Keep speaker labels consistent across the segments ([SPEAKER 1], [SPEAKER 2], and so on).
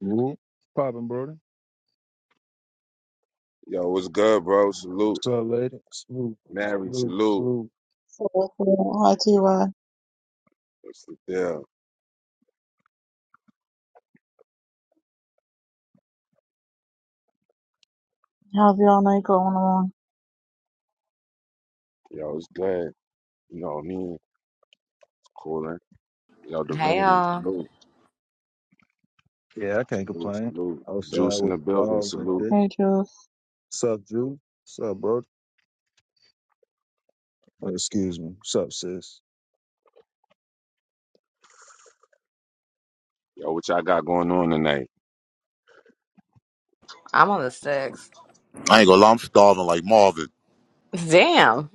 [SPEAKER 1] Whoop. Poppin', brother.
[SPEAKER 2] Yo, what's good, bro? Salute.
[SPEAKER 1] So lady. Salute.
[SPEAKER 2] Mary,
[SPEAKER 1] Salute.
[SPEAKER 2] salute.
[SPEAKER 1] Salute.
[SPEAKER 3] So, hi Tiwa,
[SPEAKER 2] What's the deal?
[SPEAKER 3] how's y'all night going on?
[SPEAKER 2] Yo, it's good. You know what I mean? Cooling. Yo,
[SPEAKER 4] Hey
[SPEAKER 2] Divinity,
[SPEAKER 4] y'all,
[SPEAKER 2] salute.
[SPEAKER 1] Yeah, I can't
[SPEAKER 2] Salute,
[SPEAKER 1] complain.
[SPEAKER 2] salute.
[SPEAKER 1] Outside
[SPEAKER 2] Juice in
[SPEAKER 1] with
[SPEAKER 2] the
[SPEAKER 1] the
[SPEAKER 2] building,
[SPEAKER 1] dogs and
[SPEAKER 2] salute.
[SPEAKER 1] shit.
[SPEAKER 3] Hey Juice,
[SPEAKER 1] Sup, Drew? Sup, bro? Oh, excuse me. Sup, sis?
[SPEAKER 2] Yo, what y'all got going on tonight?
[SPEAKER 4] I'm on the six.
[SPEAKER 5] I ain't gonna lie, I'm starving like Marvin.
[SPEAKER 4] Damn.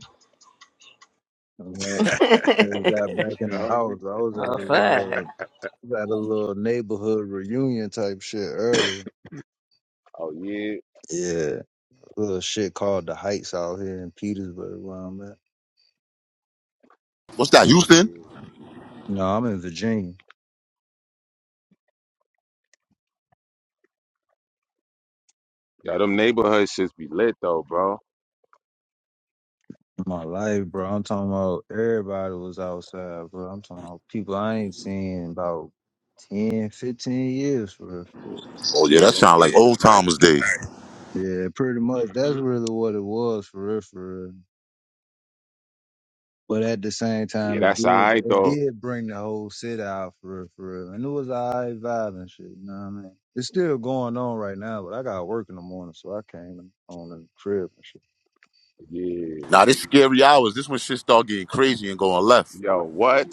[SPEAKER 1] Alright. I just got back in
[SPEAKER 2] Nigga
[SPEAKER 1] the
[SPEAKER 2] hungry.
[SPEAKER 1] house. I was at
[SPEAKER 4] oh
[SPEAKER 1] a
[SPEAKER 4] fuck.
[SPEAKER 1] little, was at a little neighborhood reunion type shit earlier.
[SPEAKER 2] Oh, yeah.
[SPEAKER 1] Yeah, a little shit called the Heights out here in Petersburg, where I'm at.
[SPEAKER 5] What's that,
[SPEAKER 2] Oh,
[SPEAKER 5] Houston?
[SPEAKER 2] yeah.
[SPEAKER 1] No, I'm in Virginia.
[SPEAKER 2] Yo, them neighborhood shits be lit, though, bro.
[SPEAKER 1] my life, bro. I'm talking about everybody was outside, bro. I'm talking about people I ain't seen in about 10, fifteen years, for real. for real.
[SPEAKER 5] Oh yeah,
[SPEAKER 2] Yeah,
[SPEAKER 5] that
[SPEAKER 2] them
[SPEAKER 5] sound
[SPEAKER 2] shits
[SPEAKER 5] like
[SPEAKER 2] be
[SPEAKER 5] old
[SPEAKER 2] nice.
[SPEAKER 5] timers days.
[SPEAKER 1] Yeah, pretty much. That's
[SPEAKER 2] Mhm.
[SPEAKER 1] really what it was, for real, for real. But at the same
[SPEAKER 2] Yeah,
[SPEAKER 1] time, it
[SPEAKER 2] that's all
[SPEAKER 1] did
[SPEAKER 2] right,
[SPEAKER 1] it
[SPEAKER 2] though.
[SPEAKER 1] did bring the whole city out, for real, for real. And it was all right vibe and shit, you know what I mean? It's still going on right now, but I got to work in the morning, so I came on the crib and shit.
[SPEAKER 2] Yeah.
[SPEAKER 5] Now this scary hours. This when shit start getting crazy and going left.
[SPEAKER 2] Yo, what?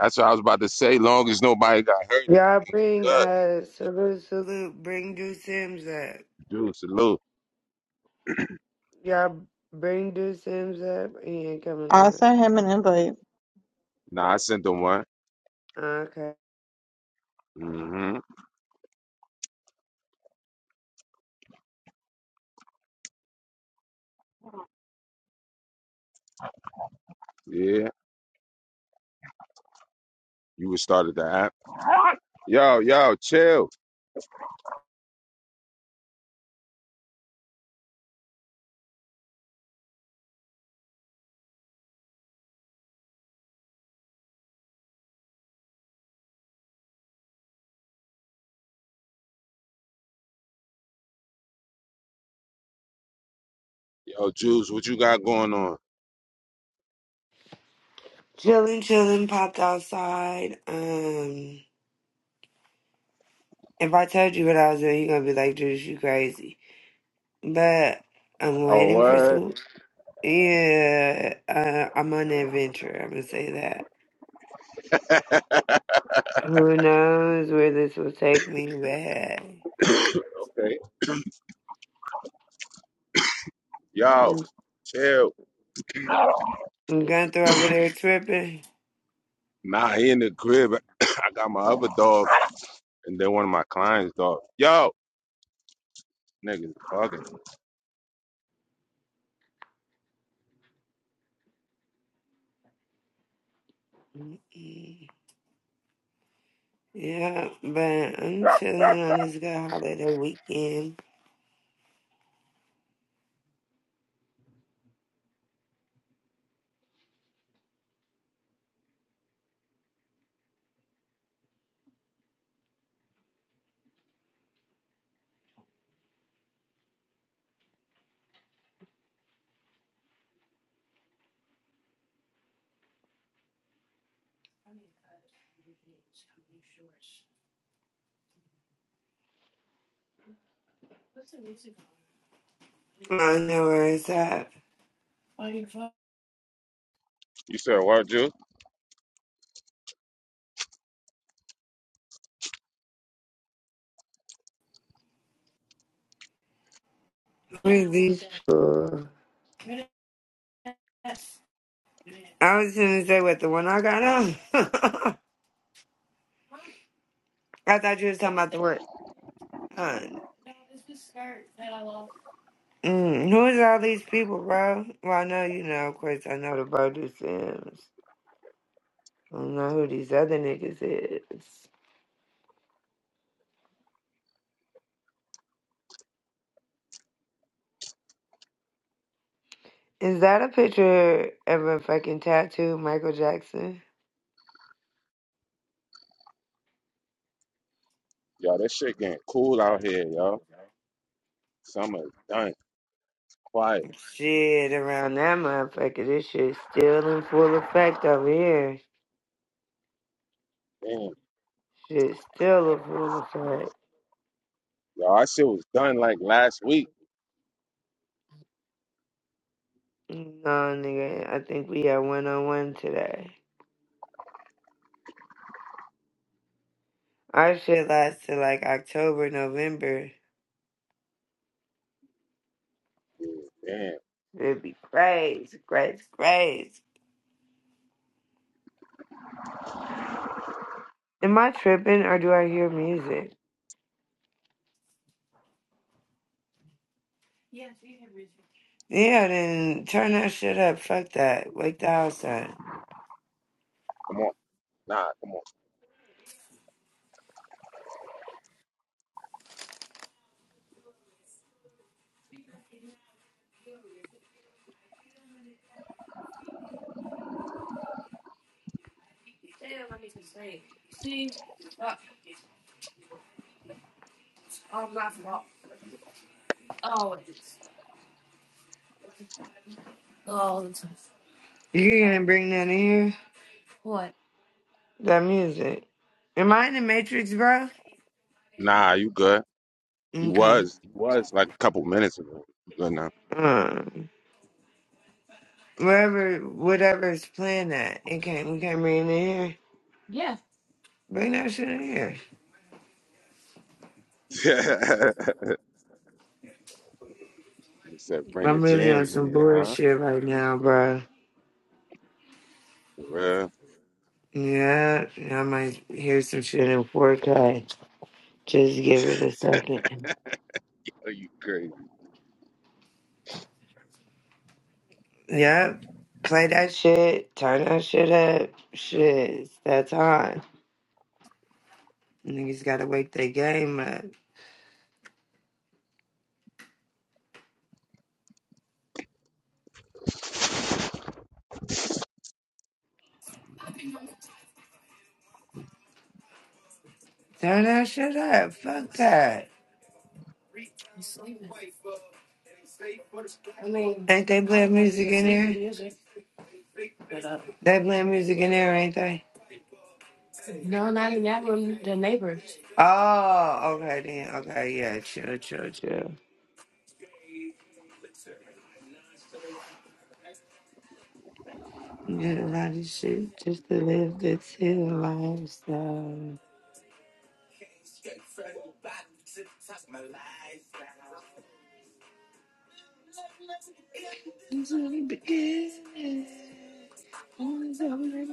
[SPEAKER 2] That's what I was about to say. Long as nobody got hurt,
[SPEAKER 6] Y'all
[SPEAKER 2] everything
[SPEAKER 6] bring
[SPEAKER 2] good.
[SPEAKER 6] uh salute salute bring do Sims up.
[SPEAKER 2] Juice, salute.
[SPEAKER 6] Y'all bring do Sims up. He ain't
[SPEAKER 3] I
[SPEAKER 6] coming
[SPEAKER 3] sent
[SPEAKER 6] up.
[SPEAKER 3] him an invite.
[SPEAKER 2] Nah, I sent them one.
[SPEAKER 6] Okay.
[SPEAKER 2] hmm Yeah. You would started the app. Yo, yo, chill. Yo, Jules, what you got going on?
[SPEAKER 6] Chillin' chillin' popped outside. Um if I told you what I was doing, you're gonna be like, Judas, you crazy. But I'm
[SPEAKER 2] Oh,
[SPEAKER 6] waiting for some Yeah, uh, I'm on an adventure, I'm gonna say that.
[SPEAKER 2] what?
[SPEAKER 6] Who knows where this will take me, but hey.
[SPEAKER 2] okay. Yo,
[SPEAKER 6] I'm
[SPEAKER 2] chill.
[SPEAKER 6] going through over there tripping.
[SPEAKER 2] Nah, he in the crib. I got my other dog and then one of my clients' dog. Yo, niggas bugging.
[SPEAKER 6] Yeah, but I'm chilling on this good holiday weekend. I know where it's at.
[SPEAKER 2] You said what, Jules?
[SPEAKER 6] Really cool. I was gonna say what the one I got on. I thought you was talking about the one. on. Mm, who is all these people, bro? Well, I know you know. Of course, I know the Brody Sims. I don't know who these other niggas is. Is that a picture of a fucking tattoo, Michael Jackson?
[SPEAKER 2] Yo, this shit getting cool out here, yo. Summer is done. Quiet.
[SPEAKER 6] Shit, around that motherfucker, this shit's still in full effect over here.
[SPEAKER 2] Damn.
[SPEAKER 6] Shit's still in full effect.
[SPEAKER 2] Yo, our shit was done like last week.
[SPEAKER 6] No, nigga, I think we had one on one today. Our shit lasts till like October, November.
[SPEAKER 2] Yeah, Damn.
[SPEAKER 6] It'd be great, great, great. Am I tripping or do I hear music? Yeah, then turn that shit up. Fuck that. Wake the house up.
[SPEAKER 2] Come on. Nah, come on.
[SPEAKER 6] Oh, oh, You gonna bring that in here? what? That music. Am I in the Matrix, bro?
[SPEAKER 2] Nah, you good. You
[SPEAKER 6] Okay.
[SPEAKER 2] was, you was like a couple minutes ago. Good now.
[SPEAKER 6] Um, wherever, whatever is playing that, it can't. We can't bring it in here. Yeah. Bring that shit in here.
[SPEAKER 2] Except bring the
[SPEAKER 6] I'm really on
[SPEAKER 2] jams in
[SPEAKER 6] some
[SPEAKER 2] here, huh?
[SPEAKER 6] bullshit right now, bro.
[SPEAKER 2] For real.
[SPEAKER 6] Yeah, I might hear some shit in 4K. Just give it a second.
[SPEAKER 2] Are you crazy?
[SPEAKER 6] Yep. Play that shit. Turn that shit up. Shit, it's that time. Niggas gotta wake their game up. Turn that shit up. Fuck that. I mean, ain't they playing music in here? They playing music in there, ain't they? No, not in that room. The neighbors. Oh, okay then. Okay, yeah. Chill, chill, chill. Get a lot of shit just to live this here lifestyle. This is the beginning. Yeah,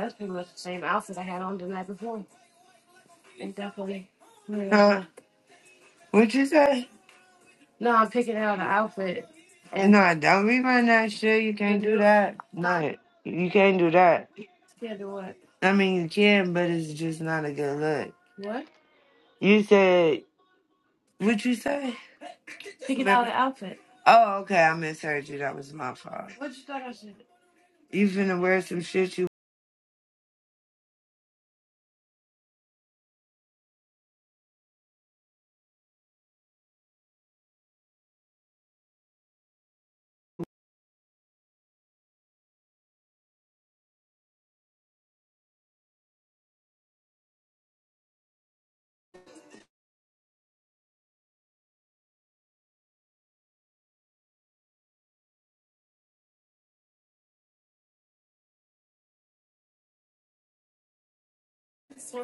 [SPEAKER 6] that's pretty much the same outfit I had on the night before. And definitely. Uh, what'd you say? No, I'm picking out an outfit. And no, don't be my that shit. You can't do that. No, you can't do that. Yeah, do what? I mean, you can, but it's just not a good look. What? You said. What'd you say? Picking out Remember? an outfit. Oh, okay. I misheard you. That was my fault. what you thought I said? You finna wear some shit you.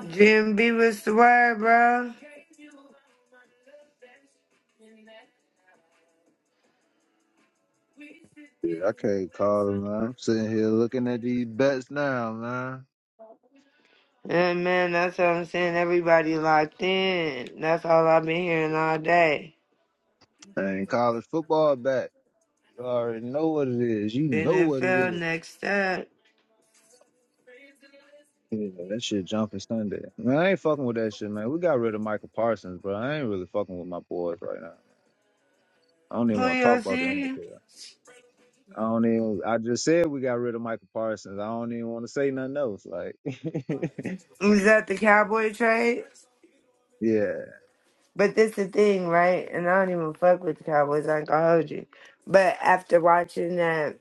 [SPEAKER 6] Jim B, what's the word, bro?
[SPEAKER 1] Yeah, I can't call it, man. I'm sitting here looking at these bets now, man.
[SPEAKER 6] And man, that's what I'm saying. Everybody locked in. That's all I've been hearing all day.
[SPEAKER 1] And college football back. You already know what it is. You know what it
[SPEAKER 6] NFL
[SPEAKER 1] is.
[SPEAKER 6] next up.
[SPEAKER 1] Yeah, that shit jumping Sunday. Man, I ain't fucking with that shit, man. We got rid of Michael Parsons, bro. I ain't really fucking with my boys right now. I don't
[SPEAKER 6] who
[SPEAKER 1] even want to talk
[SPEAKER 6] Julio
[SPEAKER 1] about the
[SPEAKER 6] see?
[SPEAKER 1] NFL. I don't even. I just said we got rid of Michael Parsons. I don't even want to say nothing else. Like,
[SPEAKER 6] Is that the Cowboy trade?
[SPEAKER 1] yeah,
[SPEAKER 6] But this the thing, right? And I don't even fuck with the Cowboys. I ain't gonna hold you. But after watching that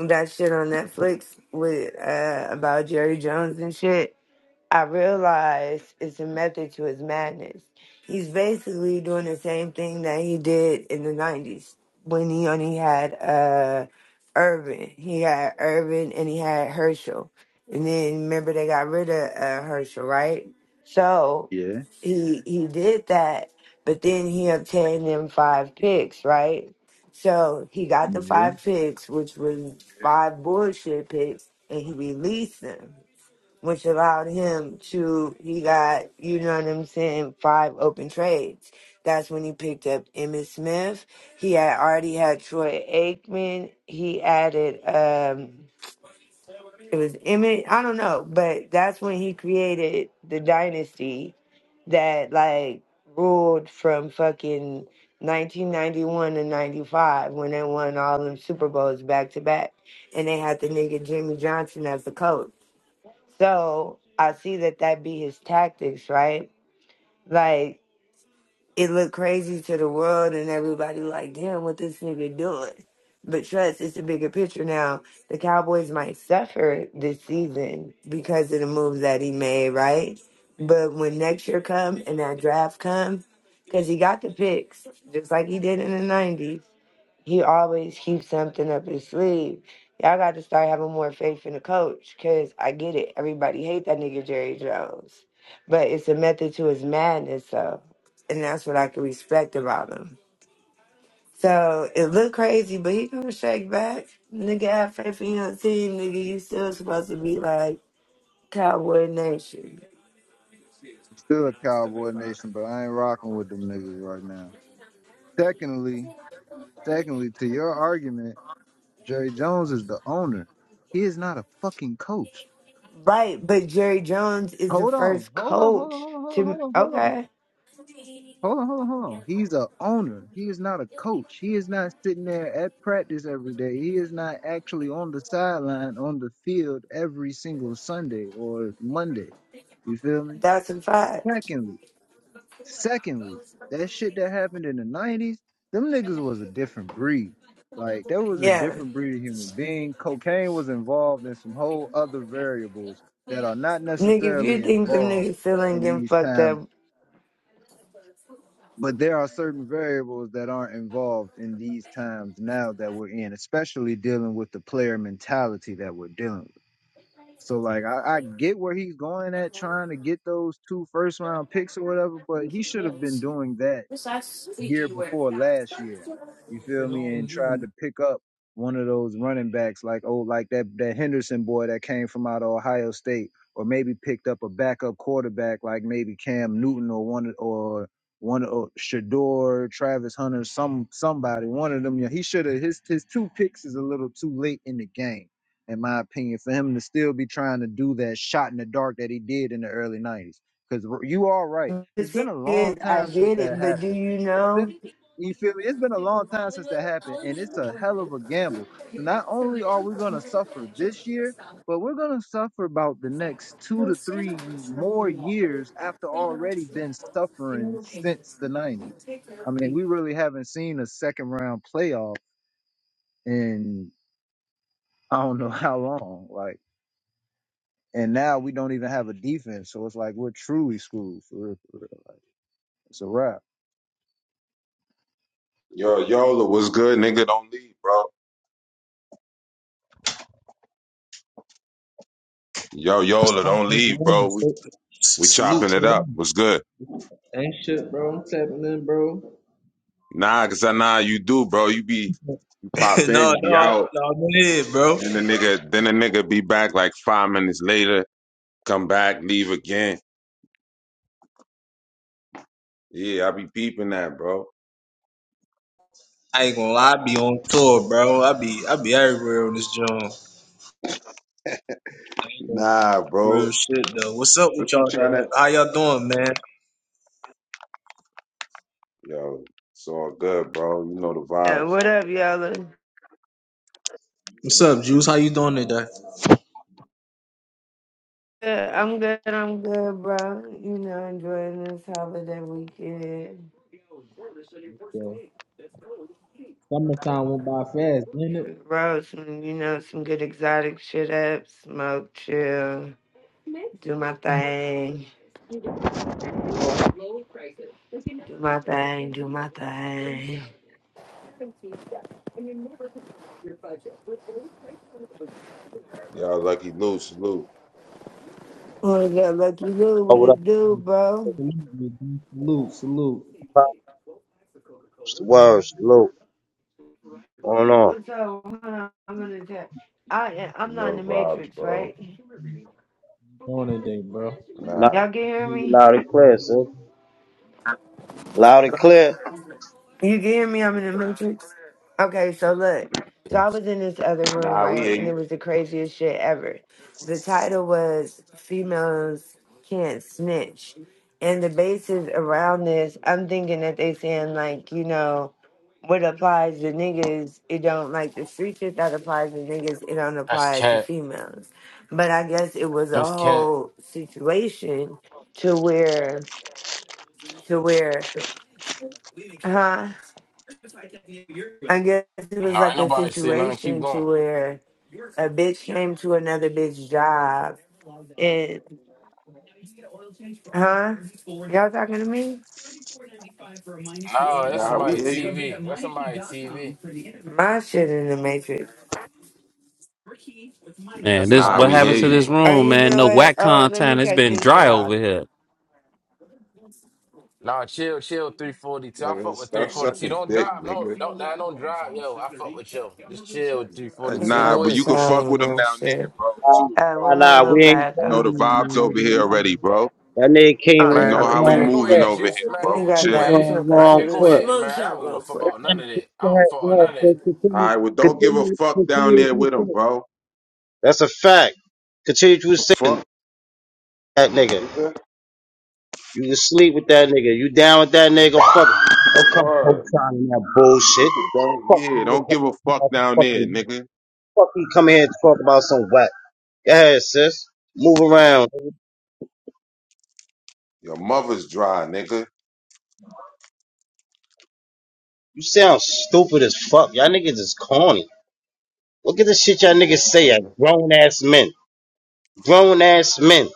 [SPEAKER 6] that shit on Netflix with uh about Jerry Jones and shit, I realize it's a method to his madness. He's basically doing the same thing that he did in the '90s when he only had uh, Urban. He had Urban and he had Herschel, and then remember they got rid of uh, Herschel, right? So
[SPEAKER 1] yeah,
[SPEAKER 6] he he did that, but then he obtained them five picks, right? So he got the
[SPEAKER 1] yeah.
[SPEAKER 6] five picks, which was five bullshit picks, and he released them which allowed him to he got you know what I'm saying five open trades. That's when he picked up Emmitt Smith. He had already had Troy Aikman. He added um it was Emmitt. I don't know, but that's when he created the dynasty that like ruled from fucking 1991 to 95 when they won all them Super Bowls back to back and they had the nigga Jimmy Johnson as the coach. So I see that that be his tactics, right? Like it look crazy to the world and everybody like, damn, what this nigga doing? But trust, it's a bigger picture now. The Cowboys might suffer this season because of the moves that he made, right? But when next year come and that draft come, because he got the picks just like he did in the '90s. He always keeps something up his sleeve. Y'all got to start having more faith in the coach because I get it. Everybody hate that nigga Jerry Jones. But it's a method to his madness, though. And that's what I can respect about him. So it look crazy, but he gonna shake back. Nigga have faith in your team, nigga. You still supposed to be like Cowboy Nation.
[SPEAKER 1] I'm still a Cowboy Nation, but I ain't rocking with them niggas right now. Secondly, secondly, to your argument. Jerry Jones is the owner. He is not a fucking coach.
[SPEAKER 6] Right, but Jerry Jones is the
[SPEAKER 1] Hold on,
[SPEAKER 6] first
[SPEAKER 1] hold on, hold on,
[SPEAKER 6] coach
[SPEAKER 1] hold on,
[SPEAKER 6] to
[SPEAKER 1] hold on, hold on.
[SPEAKER 6] okay.
[SPEAKER 1] Hold on, hold on, hold on. He's a owner. He is not a coach. He is not sitting there at practice every day. He is not actually on the sideline on the field every single Sunday or Monday. You feel me?
[SPEAKER 6] That's a fact.
[SPEAKER 1] Secondly, Secondly, that shit that happened in the nineties, them niggas was a different breed. Like there was a
[SPEAKER 6] Yeah.
[SPEAKER 1] different breed of human being. Cocaine was involved in some whole other variables that are not
[SPEAKER 6] Nigga, if you
[SPEAKER 1] necessarily
[SPEAKER 6] think them
[SPEAKER 1] involved
[SPEAKER 6] niggas still ain't
[SPEAKER 1] in
[SPEAKER 6] getting
[SPEAKER 1] these
[SPEAKER 6] fucked
[SPEAKER 1] times,
[SPEAKER 6] up,
[SPEAKER 1] but there are certain variables that aren't involved in these times now that we're in, especially dealing with the player mentality that we're dealing with. So like I, I get where he's going at trying to get those two first round picks or whatever, but he should have been doing that
[SPEAKER 6] the
[SPEAKER 1] year before last year. You feel me? And tried to pick up one of those running backs like oh like that that Henderson boy that came from out of Ohio State, or maybe picked up a backup quarterback like maybe Cam Newton or one or one or Shador, Travis Hunter, some somebody, one of them. Yeah, he should have his his two picks is a little too late in the game, in my opinion, for him to still be trying to do that shot in the dark that he did in the early nineties. Because you are right. It's
[SPEAKER 6] thing
[SPEAKER 1] been a
[SPEAKER 6] is,
[SPEAKER 1] long
[SPEAKER 6] I
[SPEAKER 1] time since
[SPEAKER 6] get
[SPEAKER 1] that
[SPEAKER 6] it, but do
[SPEAKER 1] happened
[SPEAKER 6] you
[SPEAKER 1] it's been
[SPEAKER 6] know?
[SPEAKER 1] you feel me? It's been a long time since that happened, and it's a hell of a gamble. So not only are we gonna suffer this year, but we're gonna suffer about the next two to three more years after already been suffering since the '90s. I mean, we really haven't seen a second round playoff in I don't know how long. Like, and now we don't even have a defense, so it's like we're truly screwed for real. For real. Like, it's a wrap.
[SPEAKER 2] Yo, Yola what's good, nigga. Don't leave, bro. Yo, Yola,
[SPEAKER 7] Respond
[SPEAKER 2] don't
[SPEAKER 7] to the
[SPEAKER 2] leave,
[SPEAKER 7] room.
[SPEAKER 2] bro. We
[SPEAKER 7] Sa-
[SPEAKER 2] we
[SPEAKER 7] Salute
[SPEAKER 2] chopping
[SPEAKER 7] to
[SPEAKER 2] it
[SPEAKER 7] the
[SPEAKER 2] up.
[SPEAKER 7] room.
[SPEAKER 2] What's good.
[SPEAKER 7] Ain't shit, bro. I'm tapping in, bro.
[SPEAKER 2] Nah, cause I nah you do, bro. You be you
[SPEAKER 7] no,
[SPEAKER 2] pop
[SPEAKER 7] no,
[SPEAKER 2] in, be out.
[SPEAKER 7] no, I'm in here, bro.
[SPEAKER 2] Then the nigga, then the nigga be back like five minutes later. Come back, leave again. Yeah, I be peeping that, bro.
[SPEAKER 7] I ain't gonna lie, I be on tour, bro. I be I be everywhere on this joint. I ain't gonna
[SPEAKER 2] Nah, bro.
[SPEAKER 7] real shit though. What's up with
[SPEAKER 2] What you
[SPEAKER 7] y'all?
[SPEAKER 2] tryna?
[SPEAKER 7] though? How y'all doing, man?
[SPEAKER 2] Yo, it's all good, bro. You know the
[SPEAKER 6] Yeah,
[SPEAKER 2] vibes.
[SPEAKER 6] what up, y'all?
[SPEAKER 7] What's up, Juice? How you doing today?
[SPEAKER 6] Yeah, I'm good, I'm good, bro. You know, enjoying this holiday weekend.
[SPEAKER 7] Yeah. Summertime went by fast, didn't it?
[SPEAKER 6] Bro, some, you know, some good exotic shit up, smoke, chill, do my thing, do my thing, do my thing.
[SPEAKER 2] Y'all lucky Lou, salute.
[SPEAKER 6] Wanna get lucky Lou,
[SPEAKER 8] Oh,
[SPEAKER 6] what
[SPEAKER 8] what up?
[SPEAKER 6] it do, bro?
[SPEAKER 7] Salute, me, G. salute, salute.
[SPEAKER 8] What's the word, salute. Going on.
[SPEAKER 6] What's up? Hold on, I'm gonna tap. I,
[SPEAKER 2] You
[SPEAKER 6] I'm not in
[SPEAKER 2] know
[SPEAKER 6] the
[SPEAKER 2] the vibes,
[SPEAKER 6] Matrix,
[SPEAKER 2] bro.
[SPEAKER 6] right?
[SPEAKER 7] Doing today, bro.
[SPEAKER 8] Loud,
[SPEAKER 2] Nah.
[SPEAKER 6] Y'all can hear me?
[SPEAKER 8] loud and clear, sir. Loud and clear.
[SPEAKER 6] You can hear me? I'm in the Matrix. Okay, so look. So I was in this other room,
[SPEAKER 2] Nah, we
[SPEAKER 6] right?
[SPEAKER 2] hear
[SPEAKER 6] And it
[SPEAKER 2] you.
[SPEAKER 6] was the craziest shit ever. The title was Females Can't Snitch. And the basis around this, I'm thinking that they saying like, you know, what applies to niggas, it don't like the street shit that applies to niggas, it don't
[SPEAKER 9] That's
[SPEAKER 6] apply to
[SPEAKER 9] cat.
[SPEAKER 6] females. But I guess it was a
[SPEAKER 9] That's cat.
[SPEAKER 6] whole situation to where to where huh? I guess it was
[SPEAKER 9] No, ain't
[SPEAKER 6] like a
[SPEAKER 9] nobody say nothing. Keep
[SPEAKER 6] situation
[SPEAKER 9] going.
[SPEAKER 6] to where a bitch came to another bitch job and huh? Y'all talking to me?
[SPEAKER 9] No, that's
[SPEAKER 2] Nah, we
[SPEAKER 9] somebody
[SPEAKER 2] hear you.
[SPEAKER 9] TV. That's somebody TV.
[SPEAKER 6] My shit in the matrix.
[SPEAKER 10] Man,
[SPEAKER 9] That's
[SPEAKER 10] this
[SPEAKER 2] Nah,
[SPEAKER 10] what
[SPEAKER 9] somebody
[SPEAKER 2] we
[SPEAKER 10] happened
[SPEAKER 2] hear
[SPEAKER 10] to
[SPEAKER 2] you.
[SPEAKER 10] this
[SPEAKER 9] TV.
[SPEAKER 6] Oh,
[SPEAKER 10] room,
[SPEAKER 6] you
[SPEAKER 10] man?
[SPEAKER 6] know
[SPEAKER 10] No
[SPEAKER 6] what?
[SPEAKER 10] whack
[SPEAKER 6] Oh, let me
[SPEAKER 10] content. It's
[SPEAKER 6] cut
[SPEAKER 10] been
[SPEAKER 6] this shit
[SPEAKER 10] dry over
[SPEAKER 6] off.
[SPEAKER 10] here.
[SPEAKER 9] Nah, chill, chill. Three forty two. I
[SPEAKER 2] Nigga,
[SPEAKER 9] fuck with three
[SPEAKER 2] stop
[SPEAKER 9] forty two.
[SPEAKER 2] sucking
[SPEAKER 9] Don't
[SPEAKER 2] dick,
[SPEAKER 9] drive. No,
[SPEAKER 2] nigga.
[SPEAKER 9] don't. Nah, don't drive, yo. I fuck with yo. Just chill. Three
[SPEAKER 2] Uh,
[SPEAKER 9] forty
[SPEAKER 6] I
[SPEAKER 9] two.
[SPEAKER 2] Nah,
[SPEAKER 9] Go
[SPEAKER 6] know
[SPEAKER 2] but you
[SPEAKER 9] ahead,
[SPEAKER 6] it's
[SPEAKER 2] can
[SPEAKER 6] all
[SPEAKER 2] fuck
[SPEAKER 6] on
[SPEAKER 2] with them
[SPEAKER 6] my
[SPEAKER 2] down there,
[SPEAKER 6] shit.
[SPEAKER 2] bro,
[SPEAKER 8] Nah,
[SPEAKER 2] too,
[SPEAKER 6] Uh,
[SPEAKER 2] bro.
[SPEAKER 6] where
[SPEAKER 8] nah,
[SPEAKER 6] my
[SPEAKER 8] nah,
[SPEAKER 6] little
[SPEAKER 8] we ain't
[SPEAKER 6] bag
[SPEAKER 2] You know the
[SPEAKER 6] go?
[SPEAKER 8] playing,
[SPEAKER 2] vibes over here
[SPEAKER 8] man. nigga.
[SPEAKER 2] already, bro.
[SPEAKER 8] That nigga came
[SPEAKER 6] Oh,
[SPEAKER 8] in
[SPEAKER 2] You
[SPEAKER 6] it's
[SPEAKER 8] on
[SPEAKER 9] man.
[SPEAKER 2] know
[SPEAKER 6] on
[SPEAKER 9] Go,
[SPEAKER 6] the
[SPEAKER 8] the
[SPEAKER 2] how we
[SPEAKER 8] wrong
[SPEAKER 9] man.
[SPEAKER 6] floor.
[SPEAKER 9] Go
[SPEAKER 2] moving
[SPEAKER 9] ahead,
[SPEAKER 8] foot.
[SPEAKER 2] over
[SPEAKER 9] juice,
[SPEAKER 2] here,
[SPEAKER 9] man.
[SPEAKER 6] Let
[SPEAKER 2] bro.
[SPEAKER 6] me grab
[SPEAKER 9] Go
[SPEAKER 8] Came
[SPEAKER 2] Chill.
[SPEAKER 6] that.
[SPEAKER 8] in
[SPEAKER 6] I'm
[SPEAKER 9] ahead,
[SPEAKER 8] on
[SPEAKER 6] gonna
[SPEAKER 8] the
[SPEAKER 6] go
[SPEAKER 9] man.
[SPEAKER 6] to
[SPEAKER 8] wrong
[SPEAKER 9] Go
[SPEAKER 6] the
[SPEAKER 8] foot.
[SPEAKER 9] ahead,
[SPEAKER 6] smoke
[SPEAKER 9] man. I
[SPEAKER 6] shop
[SPEAKER 9] don't give a
[SPEAKER 6] real
[SPEAKER 9] fuck
[SPEAKER 6] quick.
[SPEAKER 8] Let
[SPEAKER 9] about none
[SPEAKER 8] him
[SPEAKER 9] of
[SPEAKER 8] sit
[SPEAKER 9] that.
[SPEAKER 8] there,
[SPEAKER 9] I don't
[SPEAKER 8] there,
[SPEAKER 9] fuck with none of that.
[SPEAKER 8] so
[SPEAKER 2] All
[SPEAKER 8] Continue,
[SPEAKER 2] right, well, don't give a
[SPEAKER 8] continue,
[SPEAKER 2] fuck down
[SPEAKER 8] continue what
[SPEAKER 2] there
[SPEAKER 8] you
[SPEAKER 2] with them,
[SPEAKER 8] saying.
[SPEAKER 2] bro.
[SPEAKER 8] That's a fact. Continue what you
[SPEAKER 2] The
[SPEAKER 8] saying,
[SPEAKER 2] fuck,
[SPEAKER 8] that nigga.
[SPEAKER 2] nigga.
[SPEAKER 8] You can sleep with that nigga. You down with that nigga? Fuck. Don't come poke
[SPEAKER 2] Word.
[SPEAKER 8] signing that
[SPEAKER 2] You
[SPEAKER 8] bullshit.
[SPEAKER 2] can don't,
[SPEAKER 8] Fuck
[SPEAKER 2] yeah,
[SPEAKER 8] nigga,
[SPEAKER 2] don't
[SPEAKER 8] come
[SPEAKER 2] give a
[SPEAKER 8] up to
[SPEAKER 2] fuck
[SPEAKER 8] my
[SPEAKER 2] down there,
[SPEAKER 8] fucking
[SPEAKER 2] nigga.
[SPEAKER 8] Fuck you come here to talk about some whack. Go ahead, sis. Move around.
[SPEAKER 2] Your mother's dry, nigga.
[SPEAKER 8] You sound stupid as fuck. Y'all niggas is corny. Look at the shit y'all niggas
[SPEAKER 2] Dick
[SPEAKER 8] say at
[SPEAKER 2] sucker.
[SPEAKER 8] grown ass men. Grown ass men.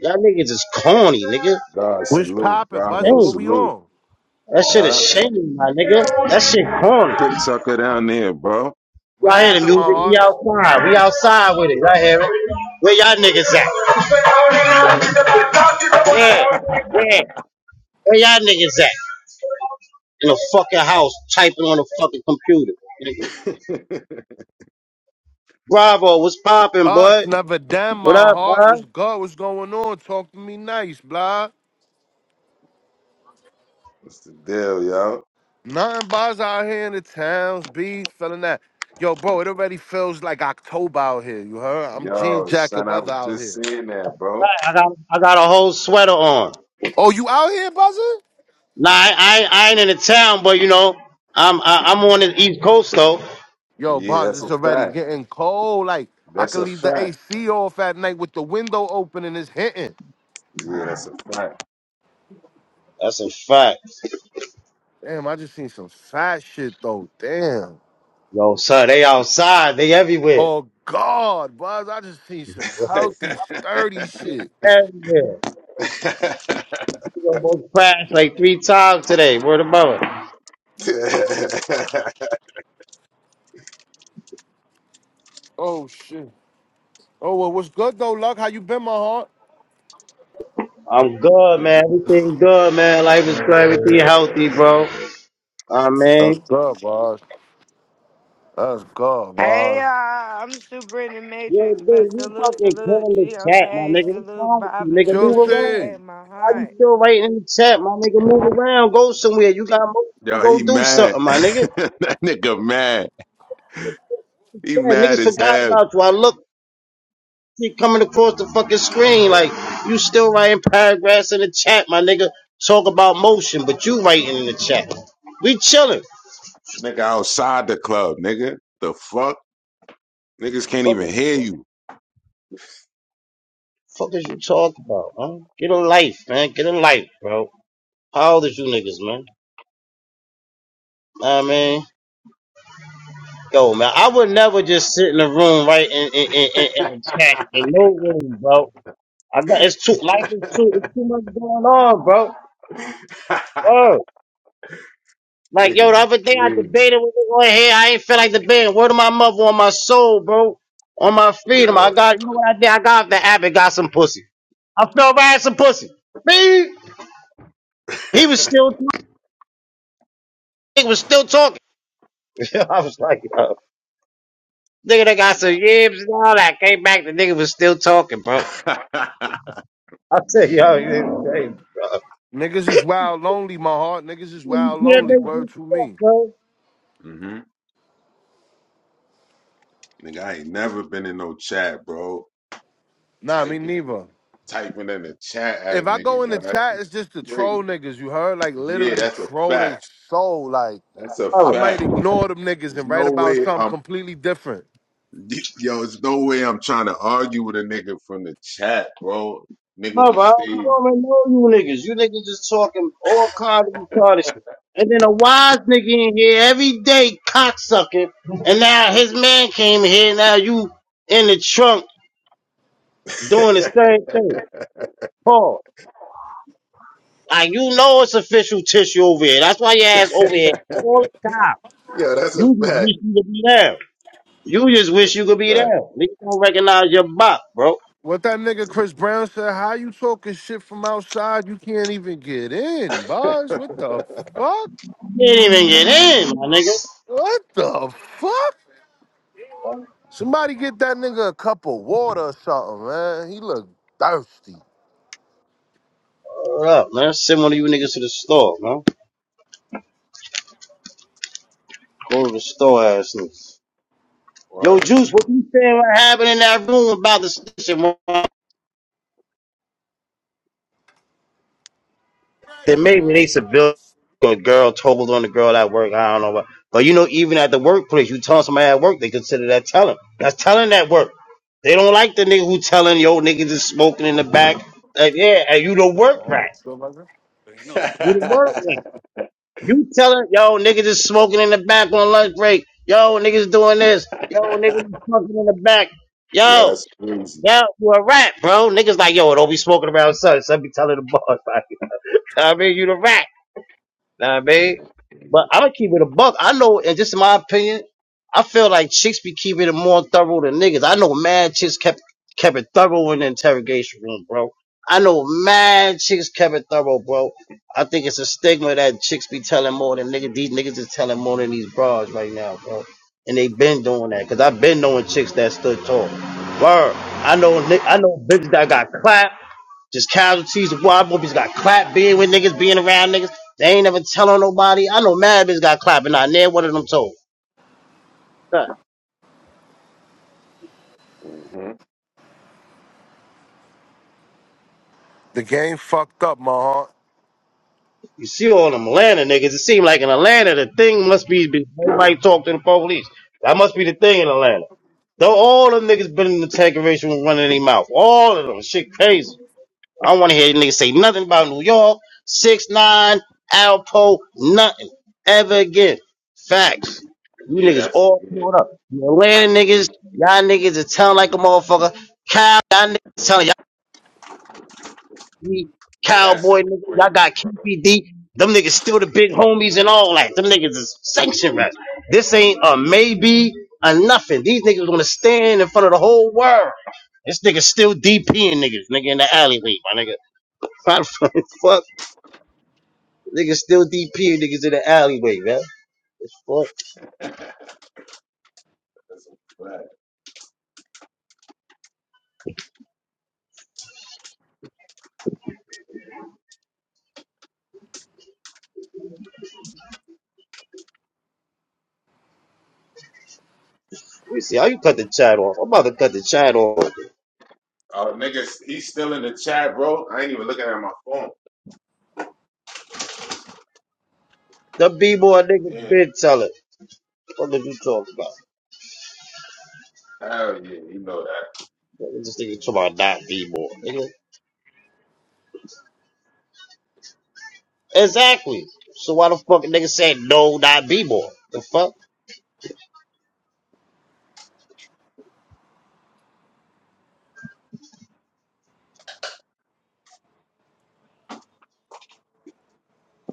[SPEAKER 8] Y'all niggas is corny, nigga.
[SPEAKER 2] God
[SPEAKER 11] Which
[SPEAKER 2] salute.
[SPEAKER 11] poppin', buzzing?
[SPEAKER 2] Bravo
[SPEAKER 11] What
[SPEAKER 8] Shame.
[SPEAKER 11] we
[SPEAKER 2] salute.
[SPEAKER 11] on?
[SPEAKER 8] That shit is
[SPEAKER 2] Huh?
[SPEAKER 8] shame, my nigga. That shit corny.
[SPEAKER 2] Dick sucker down there, bro.
[SPEAKER 11] What
[SPEAKER 8] Y'all hear the
[SPEAKER 11] happened, my
[SPEAKER 8] music? We
[SPEAKER 11] hearts?
[SPEAKER 8] outside. We outside with it. Y'all hear it? Where y'all niggas at? Yeah. Yeah. Where y'all niggas at? In a fucking house, typing on a fucking computer. Nigga.
[SPEAKER 2] What's
[SPEAKER 8] Bravo, what's poppin',
[SPEAKER 11] Us,
[SPEAKER 8] boy?
[SPEAKER 11] never damn
[SPEAKER 8] What
[SPEAKER 11] my
[SPEAKER 8] up,
[SPEAKER 11] heart.
[SPEAKER 8] bud?
[SPEAKER 11] What's good? What's going on? Talk to me nice, blah.
[SPEAKER 2] the deal, yo?
[SPEAKER 11] Nothing buzz out here in the towns, be feeling that. Yo, bro, it already feels like October out here. You heard? I'm jean
[SPEAKER 2] Yo,
[SPEAKER 11] jacket
[SPEAKER 2] son, I was
[SPEAKER 11] weather out
[SPEAKER 2] just
[SPEAKER 11] here.
[SPEAKER 2] saying that, bro.
[SPEAKER 8] I got I got a whole sweater on.
[SPEAKER 11] Oh, you out here, buzzing?
[SPEAKER 8] Nah, I I, ain't- I ain't in the town, but you know I'm I, I'm on the East Coast though.
[SPEAKER 11] Yo,
[SPEAKER 2] Yeah,
[SPEAKER 11] buzz,
[SPEAKER 2] that's a
[SPEAKER 11] it's already
[SPEAKER 2] fact.
[SPEAKER 11] getting cold. Like I
[SPEAKER 2] That's
[SPEAKER 11] could
[SPEAKER 2] a
[SPEAKER 11] leave the
[SPEAKER 2] fact.
[SPEAKER 11] AC off at night with the window open and it's hitting.
[SPEAKER 2] Yeah, that's a fact.
[SPEAKER 8] That's a fact,
[SPEAKER 11] Damn, I just seen some fat shit though. Damn.
[SPEAKER 8] yo, son. They outside, they everywhere,
[SPEAKER 11] Oh God, Buzz, I just need some healthy, sturdy shit.
[SPEAKER 8] everywhere. We almost crashed like three times today. Word of mother.
[SPEAKER 11] Oh shit. Oh well, what's good though, Luck? How you been, my heart?
[SPEAKER 8] I'm good, man. Everything good, man. Life is good. Everything healthy, bro. I mean.
[SPEAKER 11] That's good, Buzz. That's good,
[SPEAKER 6] Hey, uh,
[SPEAKER 11] Buzz.
[SPEAKER 6] I'm super in the
[SPEAKER 8] Yo,
[SPEAKER 6] Matrix, but
[SPEAKER 8] dude, you
[SPEAKER 6] salute,
[SPEAKER 8] fucking
[SPEAKER 6] salute,
[SPEAKER 8] killing the
[SPEAKER 6] G,
[SPEAKER 8] chat, my
[SPEAKER 6] okay,
[SPEAKER 8] nigga. What's
[SPEAKER 6] salute,
[SPEAKER 8] wrong with you,
[SPEAKER 6] Bob in the
[SPEAKER 8] nigga?
[SPEAKER 11] Chill
[SPEAKER 8] Move
[SPEAKER 6] building.
[SPEAKER 8] around.
[SPEAKER 11] see.
[SPEAKER 6] Hey, my
[SPEAKER 8] Why you
[SPEAKER 6] heart.
[SPEAKER 8] still writing in the chat, my nigga? Move around. Go somewhere. You got to
[SPEAKER 2] yo,
[SPEAKER 8] go
[SPEAKER 2] he
[SPEAKER 8] do
[SPEAKER 2] mad.
[SPEAKER 8] something, my nigga.
[SPEAKER 2] that nigga mad. He
[SPEAKER 8] Yeah,
[SPEAKER 2] mad
[SPEAKER 8] niggas
[SPEAKER 2] as
[SPEAKER 8] forgot
[SPEAKER 2] hell.
[SPEAKER 8] about you. I look, keep coming across the fucking screen like you still writing paragraphs in the chat, my nigga. Talk about motion, but you writing in the chat. We chilling.
[SPEAKER 2] Nigga outside the club, nigga. The fuck? Niggas can't even
[SPEAKER 8] Fucking
[SPEAKER 2] hear you.
[SPEAKER 8] fuck is you talk about, man? Get a life, man. Get a life, bro. How old is you niggas, man? Know what I mean. Yo, man, I would never just sit in a room, right, and and and, and, and chat in no room, bro. I got it's too life is too it's too much going on, bro. Bro,
[SPEAKER 2] Niggas
[SPEAKER 8] like yo, the
[SPEAKER 2] is
[SPEAKER 8] other day I
[SPEAKER 2] crazy,
[SPEAKER 8] debated with you on here. I ain't feel like debating. Word of my mother on my soul, bro, on my freedom. I
[SPEAKER 2] yo.
[SPEAKER 8] got you know what I did? I got off the app and got some pussy. I felt I had some pussy. Me, he was
[SPEAKER 2] hmm
[SPEAKER 8] still talking. He was still talking. I was like, yo, nigga, they got some yibs and all that. Came back, the nigga was still talking, bro. I said, yo, you crazy.
[SPEAKER 11] Niggas is wild lonely, my heart. Niggas is
[SPEAKER 8] You
[SPEAKER 11] wild
[SPEAKER 8] can't
[SPEAKER 11] lonely.
[SPEAKER 8] make
[SPEAKER 11] Word
[SPEAKER 8] this
[SPEAKER 11] to
[SPEAKER 8] stuff,
[SPEAKER 11] me.
[SPEAKER 8] bro.
[SPEAKER 2] hmm Nigga, I ain't never been in no chat, bro.
[SPEAKER 11] Nah, me
[SPEAKER 2] Typing,
[SPEAKER 11] neither.
[SPEAKER 2] typing in the chat at a
[SPEAKER 11] If I go
[SPEAKER 2] nigga,
[SPEAKER 11] in the
[SPEAKER 2] yo. That
[SPEAKER 11] chat,
[SPEAKER 2] shit
[SPEAKER 11] it's
[SPEAKER 2] is
[SPEAKER 11] just to troll
[SPEAKER 2] crazy.
[SPEAKER 11] niggas, you heard? Like
[SPEAKER 2] Yeah,
[SPEAKER 11] literally
[SPEAKER 2] that's a
[SPEAKER 11] troll they
[SPEAKER 2] fact.
[SPEAKER 11] soul. Like
[SPEAKER 2] That's a
[SPEAKER 11] I
[SPEAKER 8] Mother,
[SPEAKER 11] might
[SPEAKER 2] fact.
[SPEAKER 11] ignore them niggas
[SPEAKER 2] There's
[SPEAKER 11] and write
[SPEAKER 2] no
[SPEAKER 11] about
[SPEAKER 2] way
[SPEAKER 11] something
[SPEAKER 2] I'm,
[SPEAKER 11] completely different.
[SPEAKER 2] yo. There's no way I'm trying to argue with a nigga from the chat, bro. Nigga on
[SPEAKER 8] mother, I
[SPEAKER 2] stage.
[SPEAKER 8] don't even know you niggas. You niggas just talking all kind of retarded shit. And then a wise nigga in here every day cocksucking, and now his man came here. Now you in the trunk doing the
[SPEAKER 2] yo,
[SPEAKER 8] same thing. Paul, like you know it's official tissue over here. That's why your ass over here all the time.
[SPEAKER 2] that's a
[SPEAKER 8] You just
[SPEAKER 2] fact.
[SPEAKER 8] wish you could be there. You just wish
[SPEAKER 2] That's
[SPEAKER 8] you
[SPEAKER 2] a
[SPEAKER 8] could be
[SPEAKER 2] fact.
[SPEAKER 8] there. Niggas don't recognize your buck, bro.
[SPEAKER 11] What that nigga Chris Brown said, how you talking shit from outside? You can't even get in, Buzz. What the fuck?
[SPEAKER 8] You can't even get in, my nigga.
[SPEAKER 11] What the fuck? Somebody get that nigga a cup of water or something, man. He look thirsty.
[SPEAKER 8] What up, man? Send one of you niggas to the store, man. Go to the store, ass niggas.
[SPEAKER 2] wow.
[SPEAKER 8] Yo, Juice, what you saying? What happened in that room about the station? They made me. They civilian. A girl told on the girl at work. I don't know what. But you know, even at the workplace, you telling somebody at work, they consider that telling. That's telling at work. They don't like the nigga who telling yo niggas is smoking in the back. Like, yeah, and you the work rat. You the work
[SPEAKER 2] yeah,
[SPEAKER 8] rat. You telling yo niggas is smoking in the back on lunch break. Yo niggas doing this. Yo niggas is smoking in the back. Yo,
[SPEAKER 2] that's crazy.
[SPEAKER 8] yo, you a rat, bro. Niggas like yo, don't be smoking around sun. Son be telling the boss like, I mean, you the rat. Know what I
[SPEAKER 2] Yeah.
[SPEAKER 8] mean?
[SPEAKER 2] Yeah.
[SPEAKER 8] But I'm gonna keep it a buck. I know, and just in my opinion, I feel like chicks be keeping it more thorough than niggas. I know mad chicks kept kept it thorough in the interrogation room, bro. I know mad chicks kept it thorough, bro. I think it's a stigma that chicks be telling more than niggas. These niggas is telling more than these bras right now, bro and they been doing that because I've been knowing chicks that stood tall. Word. I know
[SPEAKER 2] Yeah.
[SPEAKER 8] ni- I know bitches that got clapped, just casualties of wild movies got clapped being with niggas, being around niggas. They ain't never telling nobody. I know mad bitches got clapped and I never one of them told. Huh.
[SPEAKER 2] hmm
[SPEAKER 11] The game fucked up, my heart.
[SPEAKER 8] You see all them Atlanta niggas. It seems like in Atlanta the thing must be be- nobody talk to the police. That must be the thing in Atlanta. Though all them niggas been in the tank race with running their mouth. All of them. Shit crazy. I don't want to hear niggas say nothing about New York, six nine, Alpo, nothing ever again. Facts. You
[SPEAKER 2] yeah
[SPEAKER 8] niggas
[SPEAKER 2] that's
[SPEAKER 8] all
[SPEAKER 2] yeah.
[SPEAKER 8] pulled up. You Atlanta niggas, y'all niggas is telling like a motherfucker. Cow, y'all niggas telling y'all be
[SPEAKER 2] Yeah, that's a
[SPEAKER 8] cowboy niggas. Y'all
[SPEAKER 2] crazy.
[SPEAKER 8] got KPD. Them niggas still the big homies and all that. Them niggas is sanction rats. This ain't a maybe or nothing. These niggas gonna stand in front of the whole world. This nigga still DPing niggas, nigga in the alleyway, my nigga. How the fuck? Niggas still DPing niggas in the alleyway, man. Well,
[SPEAKER 2] that's a fact.
[SPEAKER 8] let me see how you cut the chat off. I'm about to cut the chat off.
[SPEAKER 2] Oh, niggas, he's still in the chat, bro. I ain't even looking at my phone.
[SPEAKER 8] The B boy niggas.
[SPEAKER 2] Damn.
[SPEAKER 8] been telling. What the fuck you talking about?
[SPEAKER 2] Hell yeah, you know that.
[SPEAKER 8] What This nigga talking about not B boy, nigga. Exactly. So why the fuck a nigga say no, not B boy? The fuck?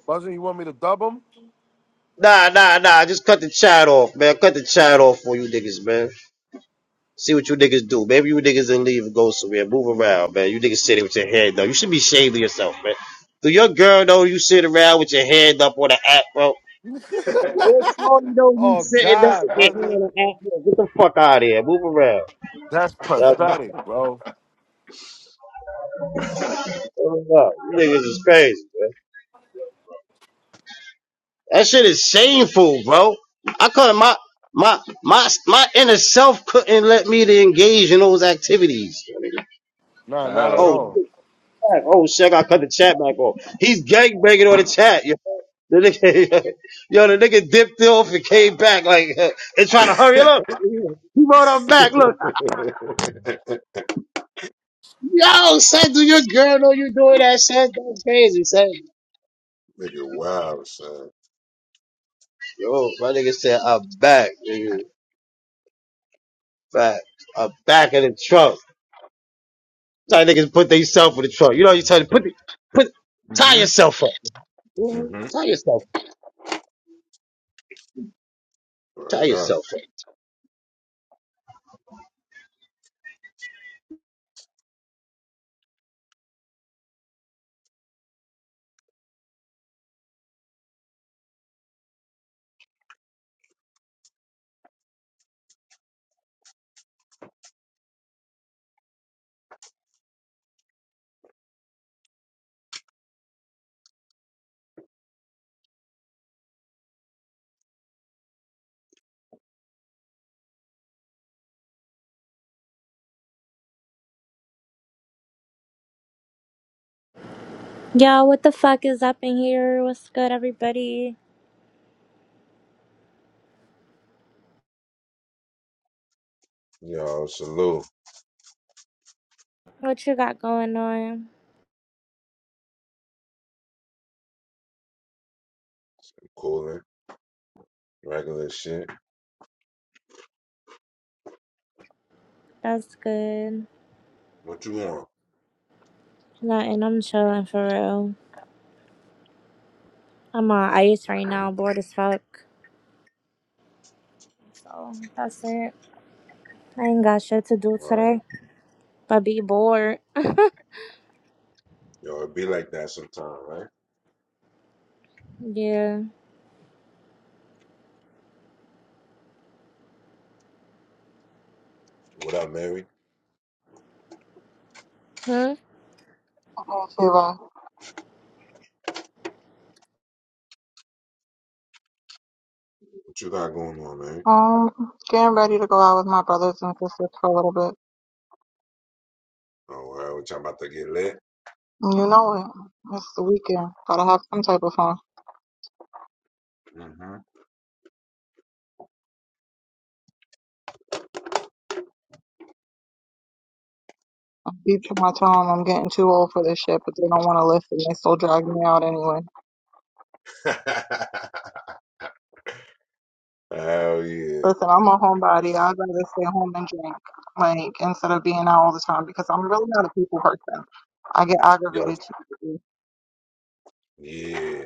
[SPEAKER 11] Buzzin', you want me to dub him?
[SPEAKER 8] Nah, nah, nah. Just cut the chat off, man. Cut the chat off for you niggas, man. See what you niggas do. Maybe you niggas then leave and go somewhere. Move around, man. You niggas sitting with your head down. You should be ashamed of yourself, man. Do your girl know you sit around with your hand up on the app, bro? Yo, Shorty don't
[SPEAKER 11] oh
[SPEAKER 8] sitting there with
[SPEAKER 11] God,
[SPEAKER 8] your
[SPEAKER 11] Buzzin'.
[SPEAKER 8] hand on the ass. Get the fuck out of here. Move around.
[SPEAKER 11] That's
[SPEAKER 8] Y'all be
[SPEAKER 11] pathetic, bro.
[SPEAKER 8] throwing up. You niggas is crazy, man. That shit is shameful, bro. I couldn't, my, my, my, my inner self couldn't let me to engage in those activities.
[SPEAKER 11] Nah, not at
[SPEAKER 2] Hell
[SPEAKER 8] Oh,
[SPEAKER 11] all.
[SPEAKER 2] no.
[SPEAKER 8] shit, chat. oh, shit, I cut the chat back off. He's gangbanging on the chat, yo. The nigga, yo, the nigga dipped off and came back like, and trying to hurry it up. He wrote up back, look. Yo, son, do your girl know you doing that, son? That's crazy, son.
[SPEAKER 2] Nigga, wow, son.
[SPEAKER 8] Yo, my nigga said, I'm back, nigga. Back. I'm back in the trunk. Tell niggas put themselves in the trunk. You know, you tell them, put, the- put, tie
[SPEAKER 2] hmm
[SPEAKER 8] yourself up. Mhm.
[SPEAKER 2] hmm
[SPEAKER 8] Tie yourself Tie
[SPEAKER 2] Word up.
[SPEAKER 8] yourself up.
[SPEAKER 12] Yo, what the fuck is up in here? What's good, everybody?
[SPEAKER 2] Yo, salute.
[SPEAKER 12] What you got going on?
[SPEAKER 2] Cooling. Regular shit.
[SPEAKER 12] That's good.
[SPEAKER 2] What you want?
[SPEAKER 12] Nothing. I'm chilling for real. I'm on ice right
[SPEAKER 2] Mhm.
[SPEAKER 12] now, bored as fuck. So that's it. I ain't got shit to do
[SPEAKER 2] Right.
[SPEAKER 12] today, but be bored.
[SPEAKER 2] Yo, it be like that sometime, right?
[SPEAKER 12] yeah.
[SPEAKER 2] What up, Mary?
[SPEAKER 12] Hmm?
[SPEAKER 3] Hey Tiwa,
[SPEAKER 2] What you got going on, Mary?
[SPEAKER 3] um, getting ready to go out with my brothers and sisters for a little bit.
[SPEAKER 2] Oh, well, what y'all about to get lit?
[SPEAKER 3] You know it. It's the weekend. Gotta have some type of fun.
[SPEAKER 2] Mm-hmm.
[SPEAKER 3] Deep to my tongue, I'm getting too old for this shit, but they don't want to listen. They still drag me out anyway.
[SPEAKER 2] Hell yeah.
[SPEAKER 3] Listen, I'm a homebody. I'd rather stay home and drink, like, instead of being out all the time because I'm really not a people person. I get
[SPEAKER 2] Yo,
[SPEAKER 3] aggravated too easily.
[SPEAKER 2] yeah.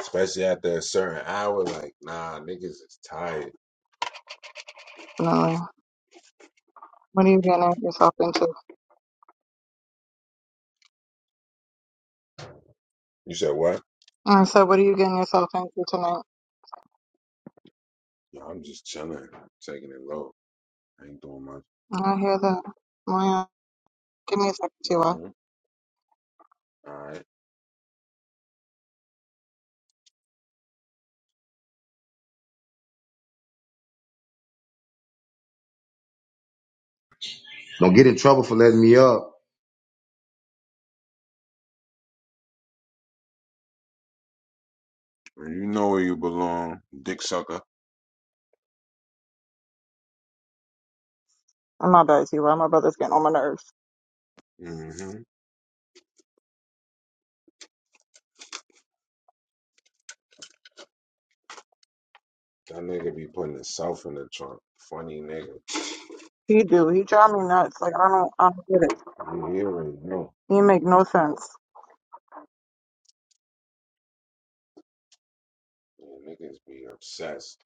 [SPEAKER 2] Especially after a certain hour, like, nah, niggas is tired.
[SPEAKER 3] Definitely. What are you getting yourself into?
[SPEAKER 2] You said what?
[SPEAKER 3] And so, what are you getting yourself into tonight?
[SPEAKER 2] Yo, I'm just chilling, taking it low. I ain't doing much.
[SPEAKER 3] I hear that. Well, give me a second, Tiwa.
[SPEAKER 2] Mm-hmm. All right.
[SPEAKER 13] Don't get in trouble for letting me up.
[SPEAKER 2] Well, you know where you belong, dick sucker.
[SPEAKER 3] am not bad, Tiwa. My brother's getting on my nerves.
[SPEAKER 2] Mm-hmm. That nigga be putting himself in the trunk. Funny nigga.
[SPEAKER 3] He do. He drive me nuts. Like I don't. I don't get it.
[SPEAKER 2] You hear me? No.
[SPEAKER 3] He make no sense.
[SPEAKER 2] Man, niggas be obsessed.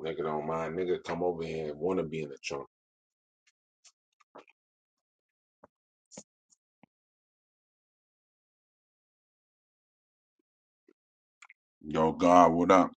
[SPEAKER 2] Nigga don't mind. Nigga come over here and wanna be in the trunk. Yo, God, what up?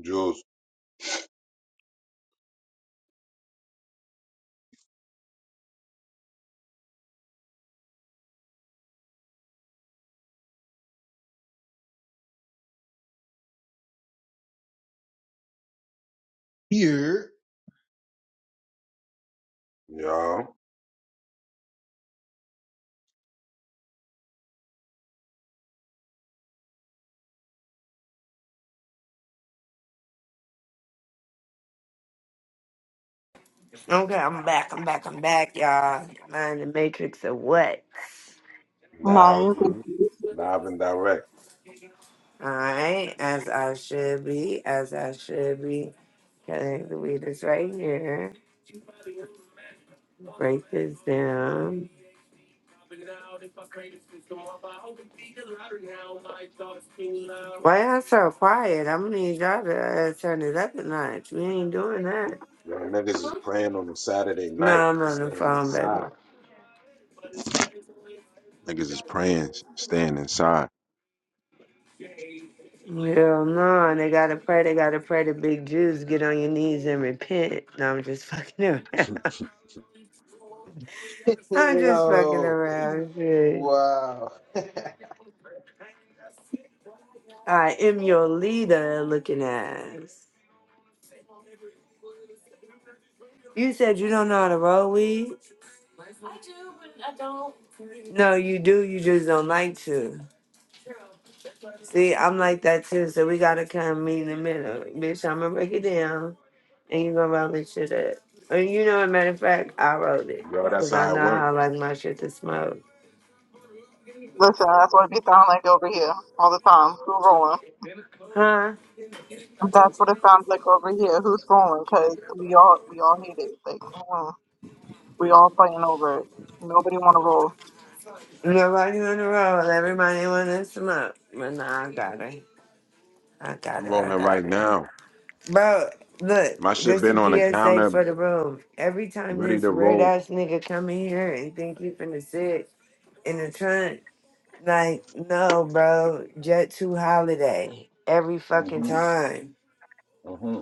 [SPEAKER 2] Juice.
[SPEAKER 1] Here.
[SPEAKER 2] Yo.
[SPEAKER 6] Okay, I'm back, I'm back, I'm back, y'all. Am I in the Matrix of what?
[SPEAKER 3] Nah,
[SPEAKER 2] Now,
[SPEAKER 3] you
[SPEAKER 2] mm,
[SPEAKER 3] listen.
[SPEAKER 2] live and direct.
[SPEAKER 6] Alright, as I should be, as I should be. Okay, the weed is right here. Break this down. Why y'all so quiet? I'm gonna need y'all to uh, turn it up a notch. We ain't doing that.
[SPEAKER 2] Yo, niggas is praying on a Saturday
[SPEAKER 6] No,
[SPEAKER 2] night,
[SPEAKER 6] I'm on the
[SPEAKER 2] staying
[SPEAKER 6] phone, baby.
[SPEAKER 2] inside. Niggas is praying, staying inside.
[SPEAKER 6] Hell no, they gotta pray. They gotta pray to big Jews. Get on your knees and repent. No, I'm just fucking around.
[SPEAKER 2] Yo,
[SPEAKER 6] I'm just fucking
[SPEAKER 1] Yo,
[SPEAKER 6] around. Shit.
[SPEAKER 1] wow. Put
[SPEAKER 6] I am your leader looking ass. You said you don't know how to roll weed? No, you do. You just don't like to. See, I'm like that too. So we gotta kind of meet in the middle. Bitch, I'm gonna break it down and you gonna roll this shit up. And you know, a matter of fact, I rolled it
[SPEAKER 2] that's
[SPEAKER 6] because I
[SPEAKER 2] how
[SPEAKER 6] know
[SPEAKER 2] it
[SPEAKER 6] how
[SPEAKER 2] work.
[SPEAKER 6] I like my shit to smoke.
[SPEAKER 3] That's what it sounds like over here all the time. Who rolling?
[SPEAKER 6] Huh?
[SPEAKER 3] That's what it sounds like over here. Who's rolling? Cause we all we all hate it. Like mm, we all fighting over it. Nobody want to roll.
[SPEAKER 6] Nobody on the road. Everybody want to smoke. But nah, I got it. I got
[SPEAKER 2] I'm
[SPEAKER 6] it.
[SPEAKER 2] rolling
[SPEAKER 6] I
[SPEAKER 2] right
[SPEAKER 6] got it.
[SPEAKER 2] now.
[SPEAKER 6] Bro, look.
[SPEAKER 2] My shit
[SPEAKER 6] This is
[SPEAKER 2] been on the
[SPEAKER 6] a PSA
[SPEAKER 2] counter,
[SPEAKER 6] for the room. Every time
[SPEAKER 2] ready
[SPEAKER 6] this
[SPEAKER 2] to
[SPEAKER 6] weird
[SPEAKER 2] roll.
[SPEAKER 6] ass nigga come in here and think he finna sit in the trunk, like, no, bro. Jet 2 holiday. Every fucking
[SPEAKER 2] hmm
[SPEAKER 6] time.
[SPEAKER 2] hmm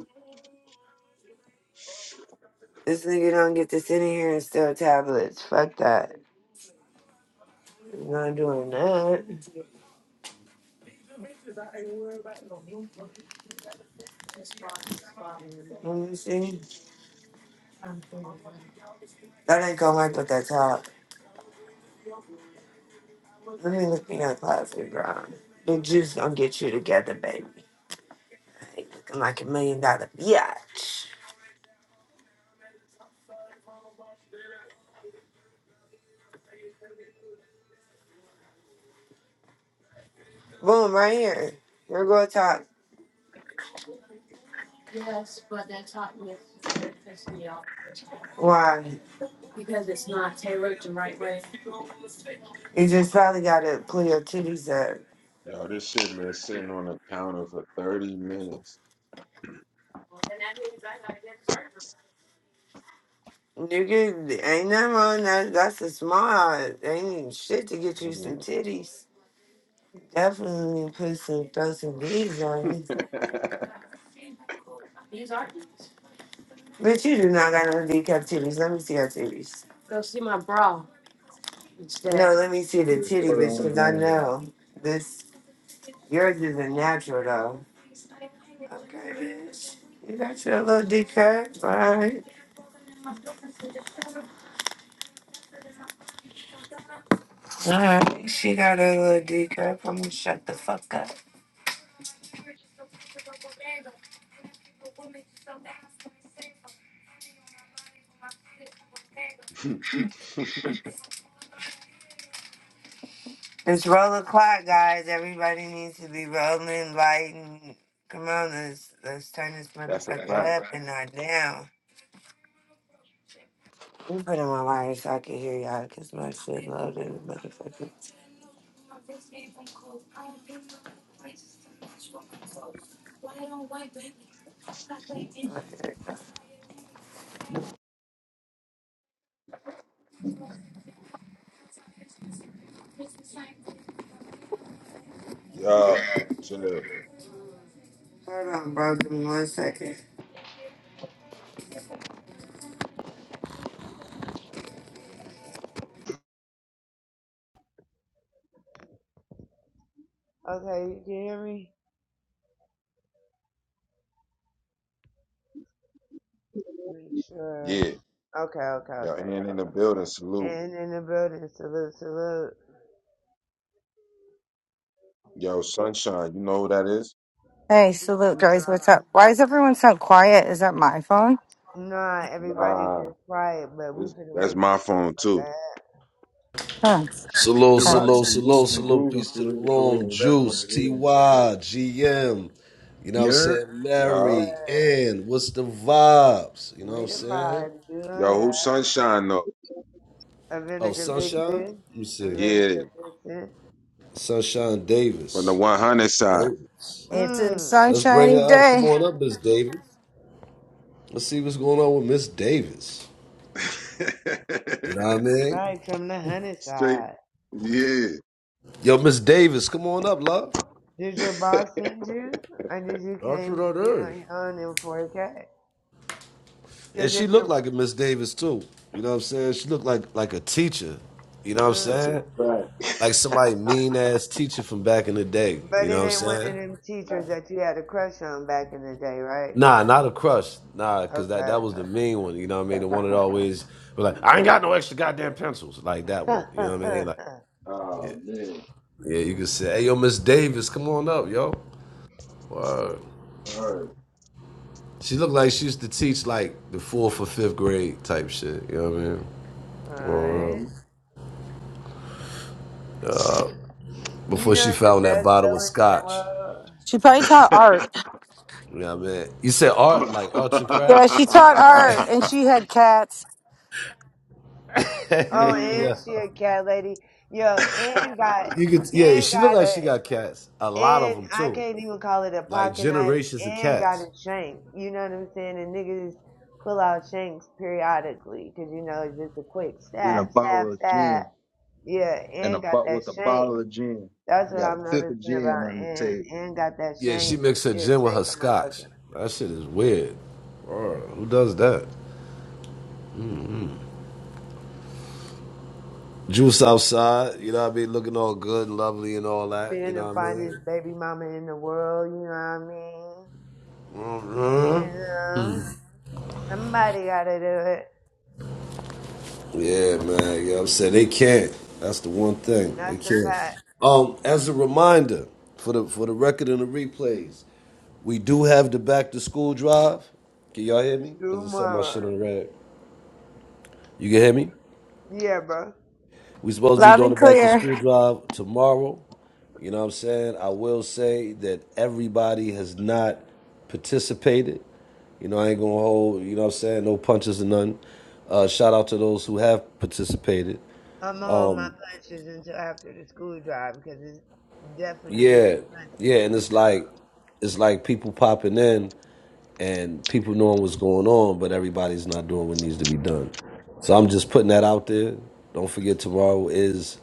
[SPEAKER 6] This nigga don't get to sit in here and steal tablets. Fuck that. not doing that. Let me see. That ain't gonna wipe up that top. Really look me in the closet, bro. The juice gonna get you together, baby. Like, Looking like a million dollar biatch. Boom, right here. We're Your girl talk. Yes, but that talk me pisses me off Why? Because it's not tailored the right way. You just probably gotta pull your titties up.
[SPEAKER 2] Yo, this shit been sitting on the counter for 30 minutes.
[SPEAKER 6] Nigga, ain't nothing wrong. That, that's a small. Ain't even shit to get you some
[SPEAKER 2] Mm.
[SPEAKER 6] titties. Definitely put some, throw some D's on you. These are. D's. Bitch, you do not got no decapped titties. Let me see your titties. Go see my bra. It's that. No, let me see the titty, bitch,
[SPEAKER 1] on
[SPEAKER 6] because I
[SPEAKER 1] game.
[SPEAKER 6] know this. Yours is not natural, though. Okay, bitch. You got your little decap. All right. All right. She got her little decap. I'm going to shut the fuck up. It's roll o'clock, guys. Everybody needs to be rolling, lighting. Come on, let's, let's turn this
[SPEAKER 2] That's a fact.
[SPEAKER 6] motherfucker up and not down. Let me put in my wire so I can hear y'all because my shit loaded, motherfucker. Okay.
[SPEAKER 2] Y'all, should
[SPEAKER 6] Hold on, bro. Give me one second. Okay, you can hear me? Make sure.
[SPEAKER 2] yeah.
[SPEAKER 6] Okay, okay,
[SPEAKER 2] Yo,
[SPEAKER 6] okay,
[SPEAKER 2] and in the
[SPEAKER 6] cool.
[SPEAKER 2] building, salute.
[SPEAKER 6] And in the building, salute, salute.
[SPEAKER 2] Yo,
[SPEAKER 6] Y-
[SPEAKER 2] Sunshine, you know who that is?
[SPEAKER 14] Hey, salute, guys. What's
[SPEAKER 6] Nah,
[SPEAKER 14] up? Why is everyone so quiet? Is that my phone?
[SPEAKER 6] nah, everybody
[SPEAKER 2] Nah,
[SPEAKER 6] just quiet, but we
[SPEAKER 2] it's,
[SPEAKER 6] finna
[SPEAKER 2] that's
[SPEAKER 6] wake the
[SPEAKER 2] my phone
[SPEAKER 6] fuck
[SPEAKER 2] too.
[SPEAKER 6] up.
[SPEAKER 14] Thanks.
[SPEAKER 15] Salute,
[SPEAKER 14] Uh,
[SPEAKER 1] Everybody
[SPEAKER 15] salute,
[SPEAKER 1] just
[SPEAKER 15] salute,
[SPEAKER 1] moving and
[SPEAKER 15] salute.
[SPEAKER 1] grooving
[SPEAKER 15] Peace
[SPEAKER 1] for
[SPEAKER 15] to the
[SPEAKER 1] real, for
[SPEAKER 15] room.
[SPEAKER 1] real. That's what
[SPEAKER 15] Juice,
[SPEAKER 1] it
[SPEAKER 15] TY,
[SPEAKER 1] is.
[SPEAKER 15] GM. You know what I'm
[SPEAKER 1] You're
[SPEAKER 15] saying?
[SPEAKER 6] It's the
[SPEAKER 2] Yo,
[SPEAKER 15] Mary,
[SPEAKER 6] word.
[SPEAKER 15] Ann. What's the vibes? You know what
[SPEAKER 6] We
[SPEAKER 15] I'm
[SPEAKER 6] the
[SPEAKER 15] saying?
[SPEAKER 6] vibe, do
[SPEAKER 2] yo, who
[SPEAKER 6] that.
[SPEAKER 2] Sunshine though?
[SPEAKER 6] A
[SPEAKER 15] Oh,
[SPEAKER 6] vinegar
[SPEAKER 15] Sunshine?
[SPEAKER 6] vixen,
[SPEAKER 15] Let me
[SPEAKER 6] a
[SPEAKER 15] see.
[SPEAKER 2] Yeah,
[SPEAKER 6] vinegar vixen.
[SPEAKER 15] Sunshine
[SPEAKER 2] from the
[SPEAKER 15] Davis.
[SPEAKER 2] 100
[SPEAKER 15] Miss
[SPEAKER 2] side.
[SPEAKER 15] Davis.
[SPEAKER 14] It's a
[SPEAKER 6] Mmm,
[SPEAKER 15] Let's bring her
[SPEAKER 14] sunshiny
[SPEAKER 15] up. Come
[SPEAKER 14] day.
[SPEAKER 15] on up, Miss Davis. Let's see what's going on with Miss Davis. You know what I mean?
[SPEAKER 6] right from the honey
[SPEAKER 2] Straight,
[SPEAKER 6] side.
[SPEAKER 2] yeah.
[SPEAKER 15] Yo, Miss Davis, come on up, love.
[SPEAKER 6] Did your boss send you, or did you
[SPEAKER 15] That's what
[SPEAKER 6] came to see it
[SPEAKER 15] that is.
[SPEAKER 6] on your own in 4K?
[SPEAKER 15] And
[SPEAKER 6] Because
[SPEAKER 15] she
[SPEAKER 6] if
[SPEAKER 15] looked
[SPEAKER 6] you're,
[SPEAKER 15] like a Miss Davis too. You know what I'm saying? She looked like like a teacher. You know what I'm
[SPEAKER 6] mm,
[SPEAKER 2] That's a
[SPEAKER 15] saying?
[SPEAKER 2] fact.
[SPEAKER 15] Like somebody mean ass teacher from back in the day. You
[SPEAKER 6] but
[SPEAKER 15] know
[SPEAKER 6] it
[SPEAKER 15] what
[SPEAKER 6] ain't
[SPEAKER 15] I'm
[SPEAKER 6] one
[SPEAKER 15] saying?
[SPEAKER 6] of them teachers that you had a crush on back in the day, right?
[SPEAKER 15] Nah, not a crush. Nah, cause that
[SPEAKER 6] Okay.
[SPEAKER 15] that was the mean one. You know what I mean? The one that always was like, I ain't got no extra goddamn pencils. Like that one. You know what I mean? Like,
[SPEAKER 2] oh, man.
[SPEAKER 15] yeah, you could say, hey yo, Miss Davis, come on up, yo. Word.
[SPEAKER 2] All right.
[SPEAKER 15] She looked like she used to teach like the fourth or fifth grade type shit. You know what I mean? Word.
[SPEAKER 6] Alright.
[SPEAKER 2] Mm-hmm.
[SPEAKER 6] You
[SPEAKER 15] Before
[SPEAKER 6] know
[SPEAKER 15] she
[SPEAKER 6] it's the
[SPEAKER 15] found that
[SPEAKER 6] best
[SPEAKER 15] bottle of
[SPEAKER 6] feeling in the
[SPEAKER 15] scotch.
[SPEAKER 6] world.
[SPEAKER 14] She probably taught art.
[SPEAKER 15] Yeah, man. You said art,
[SPEAKER 2] Oh.
[SPEAKER 15] like arts and
[SPEAKER 14] Yeah,
[SPEAKER 15] crafts?
[SPEAKER 14] she taught art,
[SPEAKER 6] Alright.
[SPEAKER 14] and she had cats.
[SPEAKER 6] Oh,
[SPEAKER 2] Mm.
[SPEAKER 15] yeah.
[SPEAKER 6] and she a cat lady. Yo, and got,
[SPEAKER 15] You could yeah,
[SPEAKER 6] and
[SPEAKER 15] she look
[SPEAKER 6] got
[SPEAKER 15] like
[SPEAKER 6] a
[SPEAKER 15] she got cats. A lot of
[SPEAKER 6] And
[SPEAKER 15] them
[SPEAKER 6] I
[SPEAKER 15] too.
[SPEAKER 6] can't even call it a
[SPEAKER 15] Like
[SPEAKER 6] pocket knife
[SPEAKER 15] generations of
[SPEAKER 6] and got a
[SPEAKER 15] cats.
[SPEAKER 6] shank. You know what I'm saying? And niggas pull out shanks periodically because, you know, it's just a quick
[SPEAKER 1] and a
[SPEAKER 6] stab, stab,
[SPEAKER 1] bottle of
[SPEAKER 6] stab.
[SPEAKER 1] gin,
[SPEAKER 6] Yeah,
[SPEAKER 1] and a
[SPEAKER 6] and got
[SPEAKER 1] but
[SPEAKER 6] that
[SPEAKER 1] with a
[SPEAKER 6] shank.
[SPEAKER 1] bottle of gin,
[SPEAKER 6] That's
[SPEAKER 1] you
[SPEAKER 6] what
[SPEAKER 1] got a
[SPEAKER 6] I'm
[SPEAKER 1] fifth of
[SPEAKER 6] noticing
[SPEAKER 1] gin
[SPEAKER 6] about
[SPEAKER 1] on the
[SPEAKER 6] and
[SPEAKER 1] table.
[SPEAKER 6] and got that
[SPEAKER 15] Yeah, she
[SPEAKER 6] shank and
[SPEAKER 15] mixed her
[SPEAKER 6] still
[SPEAKER 15] gin with her
[SPEAKER 6] shanking
[SPEAKER 15] scotch.
[SPEAKER 6] motherfucker.
[SPEAKER 15] That shit is weird. Bruh, who does that? Juice outside, you know what I mean? Looking all good lovely and all that, you
[SPEAKER 6] Being
[SPEAKER 15] know
[SPEAKER 6] the
[SPEAKER 15] what I mean?
[SPEAKER 6] finest baby mama in the world, you know what I mean? You know, somebody gotta do it.
[SPEAKER 15] Yeah, man. You know what I'm saying? They can't. That's the one thing. They
[SPEAKER 6] That's a
[SPEAKER 15] can't.
[SPEAKER 6] fact.
[SPEAKER 15] Um, as a reminder, for the for the record and the replays. We do have the back to school drive. Can y'all hear me?
[SPEAKER 6] True
[SPEAKER 15] Because I set my shit
[SPEAKER 6] moral.
[SPEAKER 15] on red. You can hear me?
[SPEAKER 6] Yeah, bro.
[SPEAKER 15] We supposed to be
[SPEAKER 14] Loud
[SPEAKER 15] doing the
[SPEAKER 14] and
[SPEAKER 15] back to
[SPEAKER 14] clear.
[SPEAKER 15] school drive tomorrow. You know what I'm saying? I will say that everybody has not participated. You know, I ain't gonna hold, you know what I'm saying? No punches and none. Uh, shout out to those who have participated.
[SPEAKER 6] I'm gonna hold my
[SPEAKER 15] Um,
[SPEAKER 6] punches until after the school drive because it's definitely
[SPEAKER 15] yeah,
[SPEAKER 6] some
[SPEAKER 15] yeah,
[SPEAKER 6] punches to
[SPEAKER 15] and
[SPEAKER 6] be
[SPEAKER 15] it's
[SPEAKER 6] dropped.
[SPEAKER 15] like it's like people popping in and people knowing what's going on, but everybody's not doing what needs to be done. So I'm just putting that out there. Don't forget, tomorrow is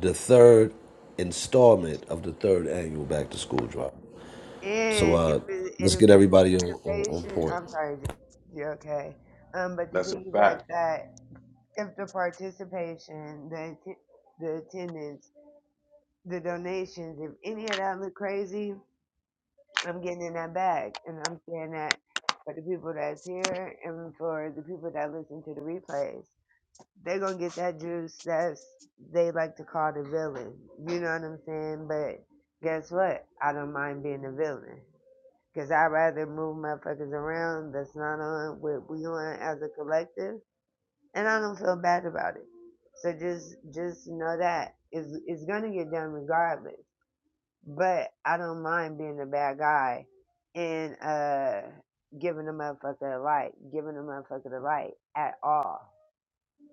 [SPEAKER 15] the third installment of the third annual back to school drive. So
[SPEAKER 6] And if
[SPEAKER 15] uh,
[SPEAKER 6] it, and
[SPEAKER 15] let's get
[SPEAKER 6] if the
[SPEAKER 15] everybody on, on, on
[SPEAKER 6] participation,
[SPEAKER 15] point.
[SPEAKER 6] I'm sorry, you're okay. Um, but to
[SPEAKER 2] That's a fact.
[SPEAKER 6] piggyback that, if the participation, the atti- the attendance, the donations, if any of that look crazy, I'm getting in that bag, and I'm saying that for the people that's here and for the people that listen to the replays. they're gonna get that juice that's they like to call the villain. You know what I'm saying? But guess what? I don't mind being a villain. Cause I'd rather move motherfuckers around that's not on what we on as a collective and I don't feel bad about it. So just just know that. It's it's gonna get done regardless. But I don't mind being a bad guy and uh giving a motherfucker a light, giving a motherfucker the light at all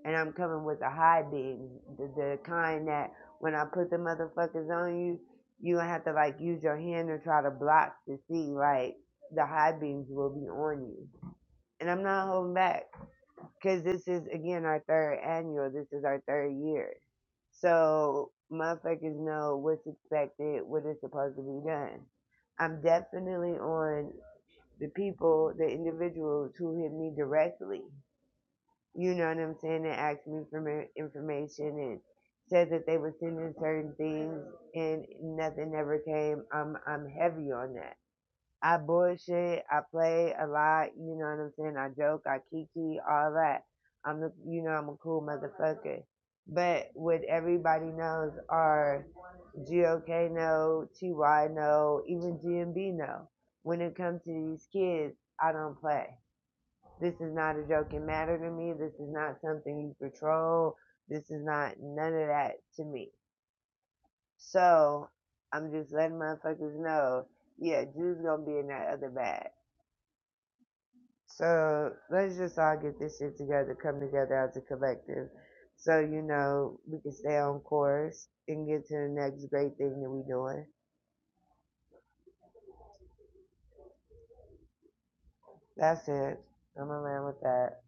[SPEAKER 6] and I'm coming with the high beams, the, the kind that when I put the motherfuckers on you, you don't have to like use your hand to try to block to see like the high beams will be on you. And I'm not holding back because this is again our third annual. This is our third year, so motherfuckers know what's expected, what is supposed to be done. I'm definitely on the people, the individuals who hit me directly you know what I'm saying, and asked me for my information and said that they were sending certain things and nothing ever came. I'm I'm heavy on that. I bullshit, I play a lot, you know what I'm saying? I joke, I kiki, all that. I'm the you know, I'm a cool motherfucker. But what everybody knows are GOK no, TY no, even GMB no. When it comes to these kids, I don't play. This is not a joking matter to me. This is not something you control. This is not none of that to me. So I'm just letting motherfuckers know, yeah, Jew's gonna be in that other bag. So let's just all get this shit together, come together as a collective. So, you know, we can stay on course and get to the next great thing that we doing. That's it. I'm gonna land with that.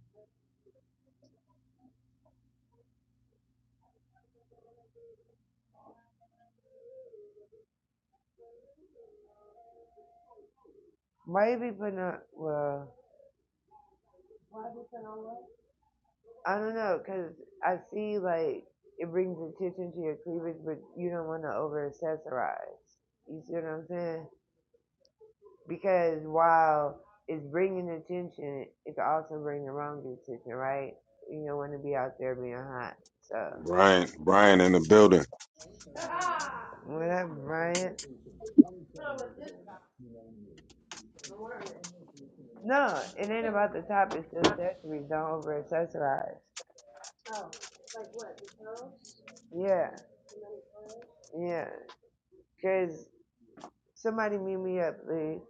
[SPEAKER 6] Why you be putting up well I don't know, know, cause I see like it brings attention to your cleavage, but you don't want to over accessorize. You see what I'm saying? Because while it's bringing attention, it's also bringing the wrong attention, right? You don't want to be out there being hot. So
[SPEAKER 2] Brian, Brian in the building.
[SPEAKER 6] whatever, Brian. No, it ain't about the top. It's the accessories. Don't over accessorize. Yeah, yeah. Cause somebody meet me up, please.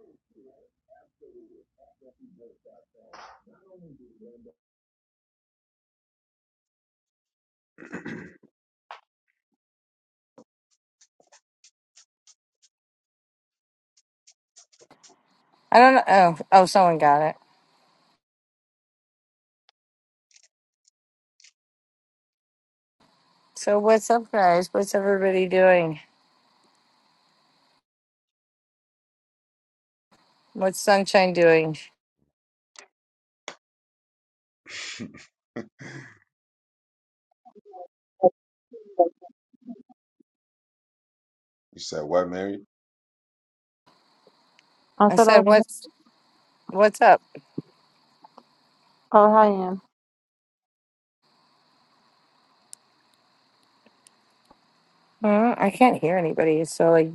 [SPEAKER 14] I don't know. Oh, oh, someone got it. So what's up, guys? What's everybody doing? What's sunshine doing?
[SPEAKER 2] You said what, Mary?
[SPEAKER 3] I
[SPEAKER 14] I
[SPEAKER 3] said I.
[SPEAKER 14] said,
[SPEAKER 3] said-
[SPEAKER 14] what's what's up?
[SPEAKER 3] Oh hi, Ann.
[SPEAKER 14] Uh, I can't hear anybody. So like,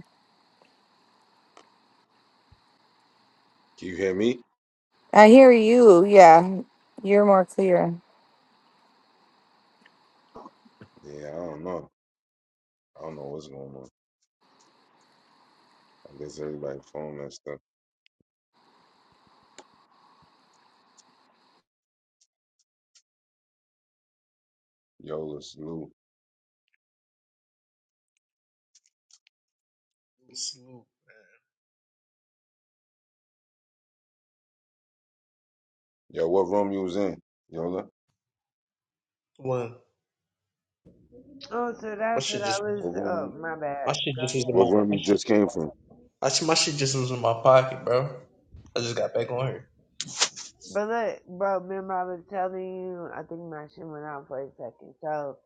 [SPEAKER 2] Can you hear me?
[SPEAKER 14] I hear you. Yeah, you're more clear.
[SPEAKER 2] Yeah, I don't know. I don't know what's going on. I guess everybody phone and stuff. Yola, salute.
[SPEAKER 7] Salute.
[SPEAKER 2] Yo, what room you was in? Yola,
[SPEAKER 7] One.
[SPEAKER 6] Oh, so
[SPEAKER 7] My
[SPEAKER 6] that's what
[SPEAKER 7] shit
[SPEAKER 6] I
[SPEAKER 7] just
[SPEAKER 2] what
[SPEAKER 6] was.
[SPEAKER 2] room?
[SPEAKER 6] Oh,
[SPEAKER 2] You,
[SPEAKER 6] my
[SPEAKER 7] my
[SPEAKER 6] bad.
[SPEAKER 7] shit
[SPEAKER 6] Go
[SPEAKER 7] just was in
[SPEAKER 2] what room
[SPEAKER 7] my
[SPEAKER 2] you just came from?
[SPEAKER 7] I, see my shit just was in my pocket, bro. I just got back on here.
[SPEAKER 6] But look, bro, remember I was telling you, I think my shit went out for a second. So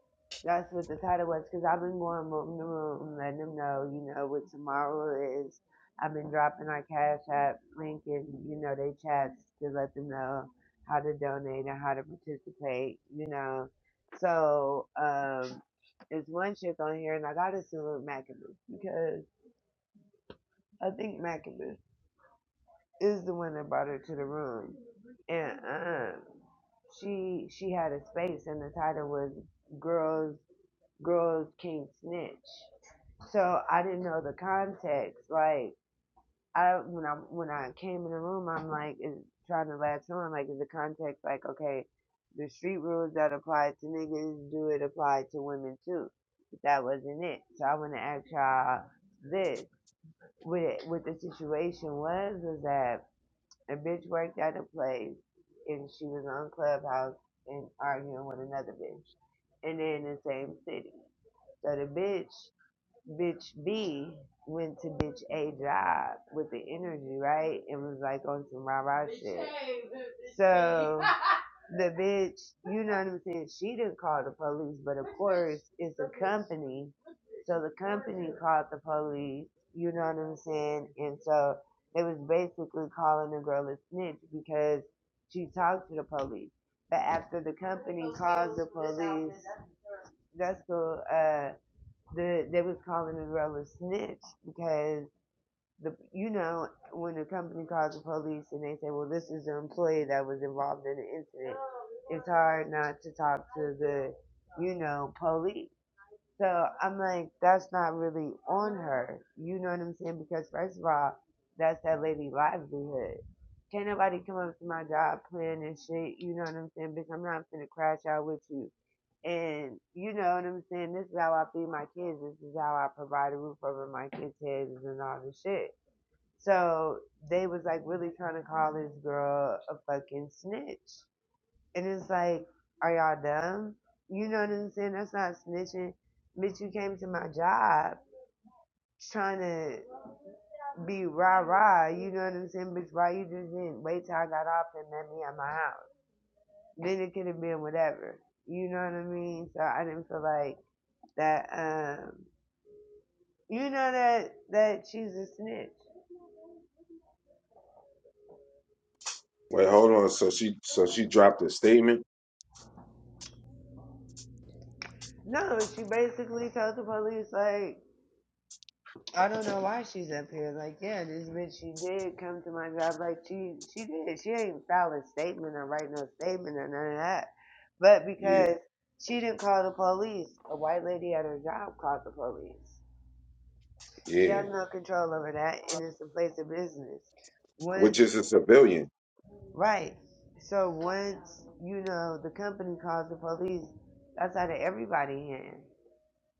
[SPEAKER 6] that's what the title was, because I've been going room to room, letting them know, you know, what tomorrow is. I've been dropping our Cash App link and, you know, they chats to let them know how to donate and how to participate, you know. So, um, there's one chick on here, and I gotta salute Mackaboo, because I think Mackaboo is the one that brought her to the room, and um, she she had a space, and the title was "Girls Girls Can't Snitch." So I didn't know the context. Like I when I when I came in the room, I'm like is trying to latch on. Like is the context like okay, the street rules that apply to niggas do it apply to women too? But that wasn't it. So I want to ask y'all this. What, it, what the situation was was that a bitch worked at a place and she was on Clubhouse and arguing with another bitch. And they're in the same city. So the bitch, bitch B, went to bitch A job with the energy, right? And was like on some rah rah shit. So the bitch, you know what I'm saying? She didn't call the police, but of course, it's a company. So the company called the police, you know what I'm saying? And so they was basically calling the girl a snitch because she talked to the police. But after the company called the police, that's the, uh, the, they was calling the girl a snitch because the you know when a company calls the police and they say, "Well, this is an employee that was involved in the incident," it's hard not to talk to the you know police. So I'm like, that's not really on her. You know what I'm saying? Because first of all, that's that lady livelihood. Can't nobody come up to my job playing and shit. You know what I'm saying? Bitch, I'm not finna crash out with you. And you know what I'm saying? This is how I feed my kids. This is how I provide a roof over my kids' heads and all this shit. So they was like really trying to call this girl a fucking snitch. And it's like, are y'all dumb? You know what I'm saying? That's not snitching. Bitch, you came to my job trying to be rah rah. You know what I'm saying? Bitch, why you just didn't wait till I got off and met me at my house? Then it could have been whatever. You know what I mean? So I didn't feel like that. Um, you know that that she's a snitch.
[SPEAKER 2] Wait, hold on. So she, so she dropped a statement.
[SPEAKER 6] No, she basically told the police like I don't know why she's up here. Like, yeah, this bitch, she did come to my job. Like, she she did. She ain't file a statement or write no statement or none of that. But
[SPEAKER 2] Yeah,
[SPEAKER 6] because she didn't call the police, a white lady at her job called the police. She
[SPEAKER 2] yeah.
[SPEAKER 6] has no control over that, and it's a place of business. Once,
[SPEAKER 2] Which is a civilian.
[SPEAKER 6] right, so once you know the company calls the police, that's out of everybody's hands.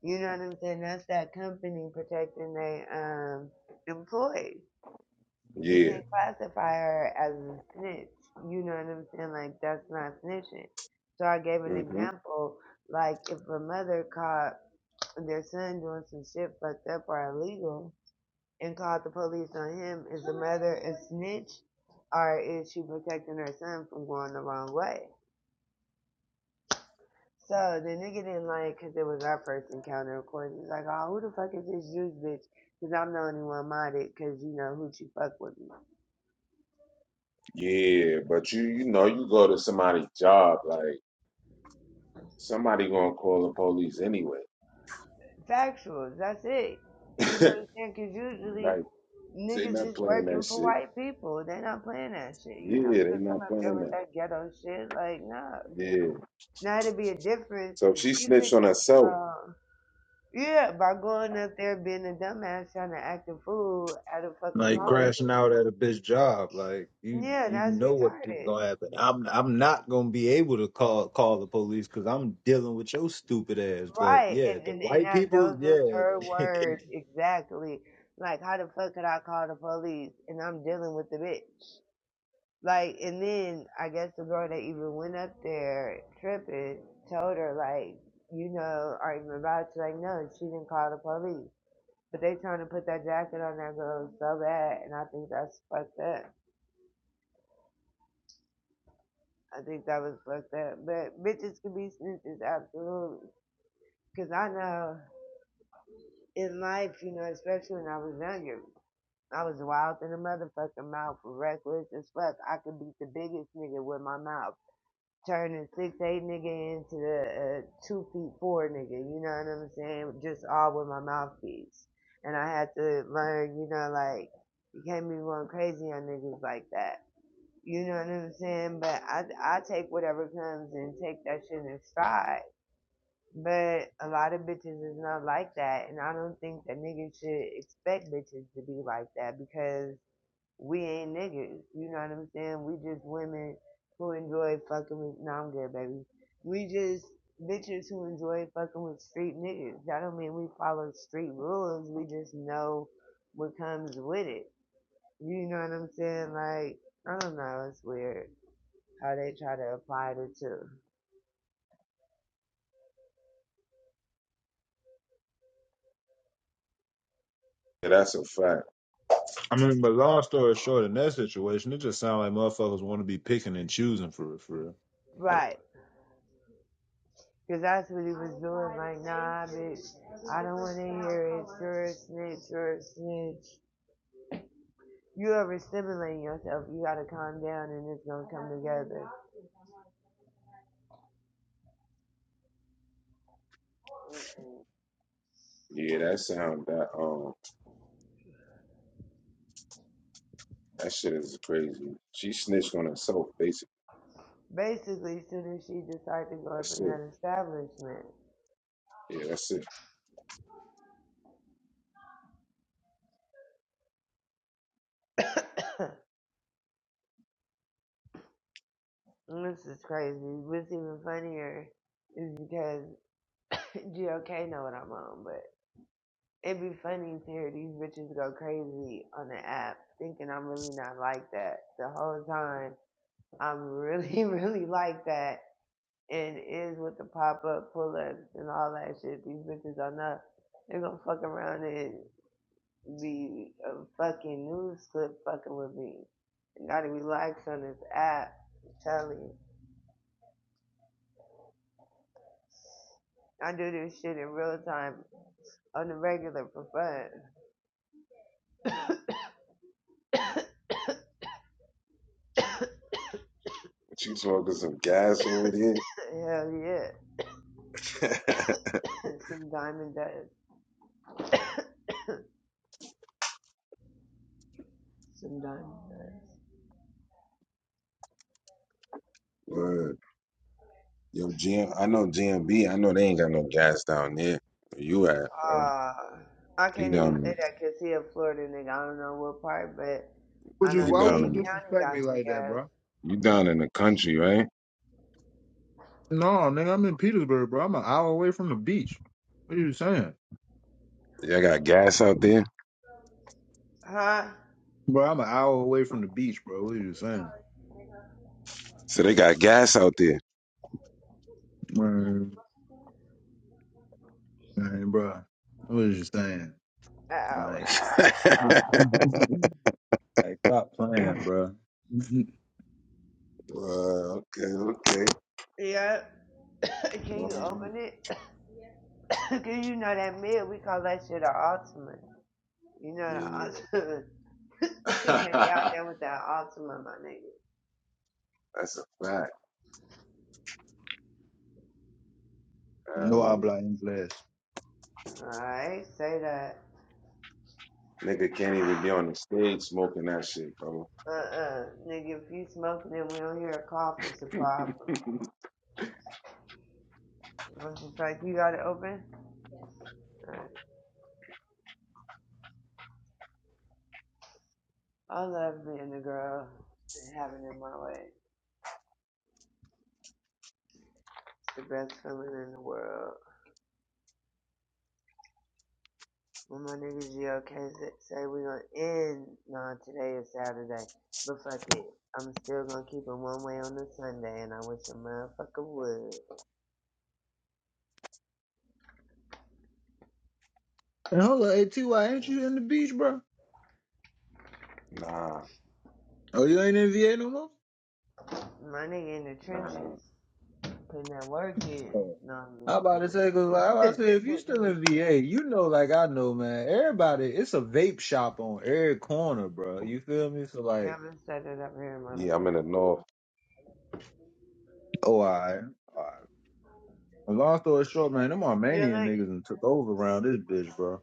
[SPEAKER 6] You know what I'm saying? That's that company protecting their um employees you
[SPEAKER 2] Yeah.
[SPEAKER 6] can classify her as a snitch. You know what I'm saying? Like that's not snitching. So I gave an
[SPEAKER 2] hmm
[SPEAKER 6] example, like if a mother caught their son doing some shit fucked up or illegal and called the police on him, is the mother a snitch or is she protecting her son from going the wrong way? So the nigga didn't like because it was our first encounter, of course. He's like, oh, who the fuck is this juice bitch? Because I'm the only one minded because, you know, who she fuck with me.
[SPEAKER 2] Yeah, but you, you know, you go to somebody's job, like somebody gonna call the police anyway.
[SPEAKER 6] Factual. That's it. You know what I'm saying? 'Cause usually
[SPEAKER 2] like, they
[SPEAKER 6] niggas
[SPEAKER 2] not
[SPEAKER 6] is
[SPEAKER 2] playing that
[SPEAKER 6] working for
[SPEAKER 2] shit.
[SPEAKER 6] white people. They not playing that shit. you not
[SPEAKER 2] Yeah, they
[SPEAKER 6] gonna come
[SPEAKER 2] not
[SPEAKER 6] up there
[SPEAKER 2] playing
[SPEAKER 6] with
[SPEAKER 2] that.
[SPEAKER 6] that ghetto shit. Like, nah.
[SPEAKER 2] Yeah.
[SPEAKER 6] Now it'd be a difference
[SPEAKER 2] So
[SPEAKER 6] if
[SPEAKER 2] she
[SPEAKER 6] she
[SPEAKER 2] snitched
[SPEAKER 6] picked
[SPEAKER 2] on
[SPEAKER 6] up,
[SPEAKER 2] herself.
[SPEAKER 6] uh, yeah, by going up there being a dumbass trying to act a fool at a fucking
[SPEAKER 1] Like
[SPEAKER 6] call
[SPEAKER 2] hmm
[SPEAKER 1] crashing out
[SPEAKER 6] center.
[SPEAKER 1] at a bitch job, like you
[SPEAKER 6] Yeah,
[SPEAKER 1] you
[SPEAKER 6] that's
[SPEAKER 1] know what is
[SPEAKER 6] retarded.
[SPEAKER 1] gonna happen. I'm I'm not gonna be able to call call the police because I'm dealing with your stupid ass. But
[SPEAKER 6] Right.
[SPEAKER 1] yeah,
[SPEAKER 6] And,
[SPEAKER 1] the
[SPEAKER 6] and, and
[SPEAKER 1] white
[SPEAKER 6] that,
[SPEAKER 1] people,
[SPEAKER 6] those was
[SPEAKER 1] yeah,
[SPEAKER 6] her words exactly. Like, how the fuck could I call the police and I'm dealing with the bitch? Like, and then I guess the girl that even went up there tripping told her, like, you know, are you about to? Like, no, she didn't call the police. But they trying to put that jacket on that girl so bad, and I think that's fucked up. I think that was fucked up. But bitches can be snitches, absolutely. Because I know in life, you know, especially when I was younger, I was wild in the motherfucking mouth, reckless as fuck. I could beat the biggest nigga with my mouth. turning six eight nigga into a, a two feet four nigga. You know what I'm saying? Just all with my mouthpiece, and I had to learn. You know, like you can't be going crazy on niggas like that. You know what I'm saying? But I I take whatever comes and take that shit in stride. But a lot of bitches is not like that, and I don't think that niggas should expect bitches to be like that because we ain't niggas. You know what I'm saying? We just women who enjoy fucking with. No, I'm good, baby. We just bitches who enjoy fucking with street niggas. That don't mean we follow street rules. We just know what comes with it. You know what I'm saying? Like, I don't know. It's weird how they try to apply the two.
[SPEAKER 2] Yeah, that's a fact.
[SPEAKER 1] I mean, but long story short, in that situation, it just sounds like motherfuckers want to be picking and choosing for real, for real. I-
[SPEAKER 6] Right. Because that's what he was doing. Like, nah, bitch, I don't want to hear it. You're a snitch. You're a snitch. you overstimulating yourself, you gotta calm down and it's gonna come together.
[SPEAKER 2] Yeah, that sound that um that shit is crazy. She snitched on herself, basically.
[SPEAKER 6] Basically, as soon as she decided to go up
[SPEAKER 2] That's
[SPEAKER 6] in
[SPEAKER 2] it.
[SPEAKER 6] that establishment,
[SPEAKER 2] Yeah, that's it.
[SPEAKER 6] this is crazy. What's even funnier is because GOK know what I'm on, but it'd be funny to hear these bitches go crazy on the app thinking I'm really not like that. The whole time, I'm really, really like that and is with the pop up pull ups and all that shit. These bitches are not. They're gonna fuck around and be a fucking news clip fucking with me. You gotta relax on this app. I'm telling you. I do this shit in real time on the regular for fun.
[SPEAKER 2] But you smoking some gas over there?
[SPEAKER 6] Hell yeah. Some diamond does. Some diamond does.
[SPEAKER 2] Word. Yo, GM, I know GMB. I know they ain't got no gas down there. Where you at, bro?
[SPEAKER 6] Uh, I
[SPEAKER 2] He
[SPEAKER 6] can't even say
[SPEAKER 2] down.
[SPEAKER 6] that 'cause he a Florida nigga. I don't know what part, but
[SPEAKER 1] Would
[SPEAKER 6] I
[SPEAKER 1] you?
[SPEAKER 2] He
[SPEAKER 6] know
[SPEAKER 1] Why would
[SPEAKER 2] down
[SPEAKER 1] you
[SPEAKER 6] Dade
[SPEAKER 2] in.
[SPEAKER 6] County
[SPEAKER 1] disrespect me
[SPEAKER 6] got some
[SPEAKER 1] like that,
[SPEAKER 6] gas.
[SPEAKER 1] bro?
[SPEAKER 2] You down in the country, right?
[SPEAKER 1] No, nigga, I'm in Petersburg, bro. I'm an hour away from the beach. What are you saying,
[SPEAKER 2] Y'all got gas out there.
[SPEAKER 6] Huh?
[SPEAKER 1] bro? I'm an hour away from the beach, bro. What are you saying,
[SPEAKER 2] So they got gas out there.
[SPEAKER 1] man, man, bro? What are you saying?
[SPEAKER 6] Ow,
[SPEAKER 1] Like,
[SPEAKER 6] ow, ow.
[SPEAKER 1] like stop playing, bro.
[SPEAKER 2] Well, okay, okay.
[SPEAKER 6] Yep. Can
[SPEAKER 2] Long
[SPEAKER 6] you
[SPEAKER 2] as
[SPEAKER 6] open it? 'Cause you know that mid, we call that shit a ultimate. You know the
[SPEAKER 2] you- yeah.
[SPEAKER 6] ultimate. you can't be out there with that ultimate, my nigga.
[SPEAKER 2] That's a fact.
[SPEAKER 1] no
[SPEAKER 2] Hell yeah.
[SPEAKER 1] habla inglés.
[SPEAKER 6] Alright, say that.
[SPEAKER 2] Nigga can't even be on the stage smoking that shit, bro.
[SPEAKER 6] Uh-uh. Nigga, if you smoking and we don't hear a cough, it's a problem. I'm just like, you got it open? Alright. I love being a girl and having it my way. It's the best feeling in the world. When my nigga GOK sa- say we gonna end, nah, today is Saturday, but fuck it. I'm still gonna keep it one way on the Sunday, and I wish a motherfucker would.
[SPEAKER 1] And hold up, hey Ty, ain't you in the beach, bro?
[SPEAKER 2] nah,
[SPEAKER 1] Oh, you ain't in VA no more?
[SPEAKER 6] My nigga in the
[SPEAKER 2] nah.
[SPEAKER 6] trenches, putting that work in.
[SPEAKER 1] Oh.
[SPEAKER 6] No, I'm
[SPEAKER 1] I
[SPEAKER 6] just
[SPEAKER 1] about to say, cause like,
[SPEAKER 6] playing.
[SPEAKER 1] I about to say, if you still in VA, you know, like I know, man. Everybody, it's a vape shop on every corner, bro. You feel me? So
[SPEAKER 6] yeah,
[SPEAKER 1] like,
[SPEAKER 6] I'm gonna set it up here, mama.
[SPEAKER 2] Yeah, I'm in the north.
[SPEAKER 1] oh, all right, all right. long story short, man, them
[SPEAKER 6] You're
[SPEAKER 1] Armenian
[SPEAKER 6] like,
[SPEAKER 1] niggas and took over around this bitch, bro.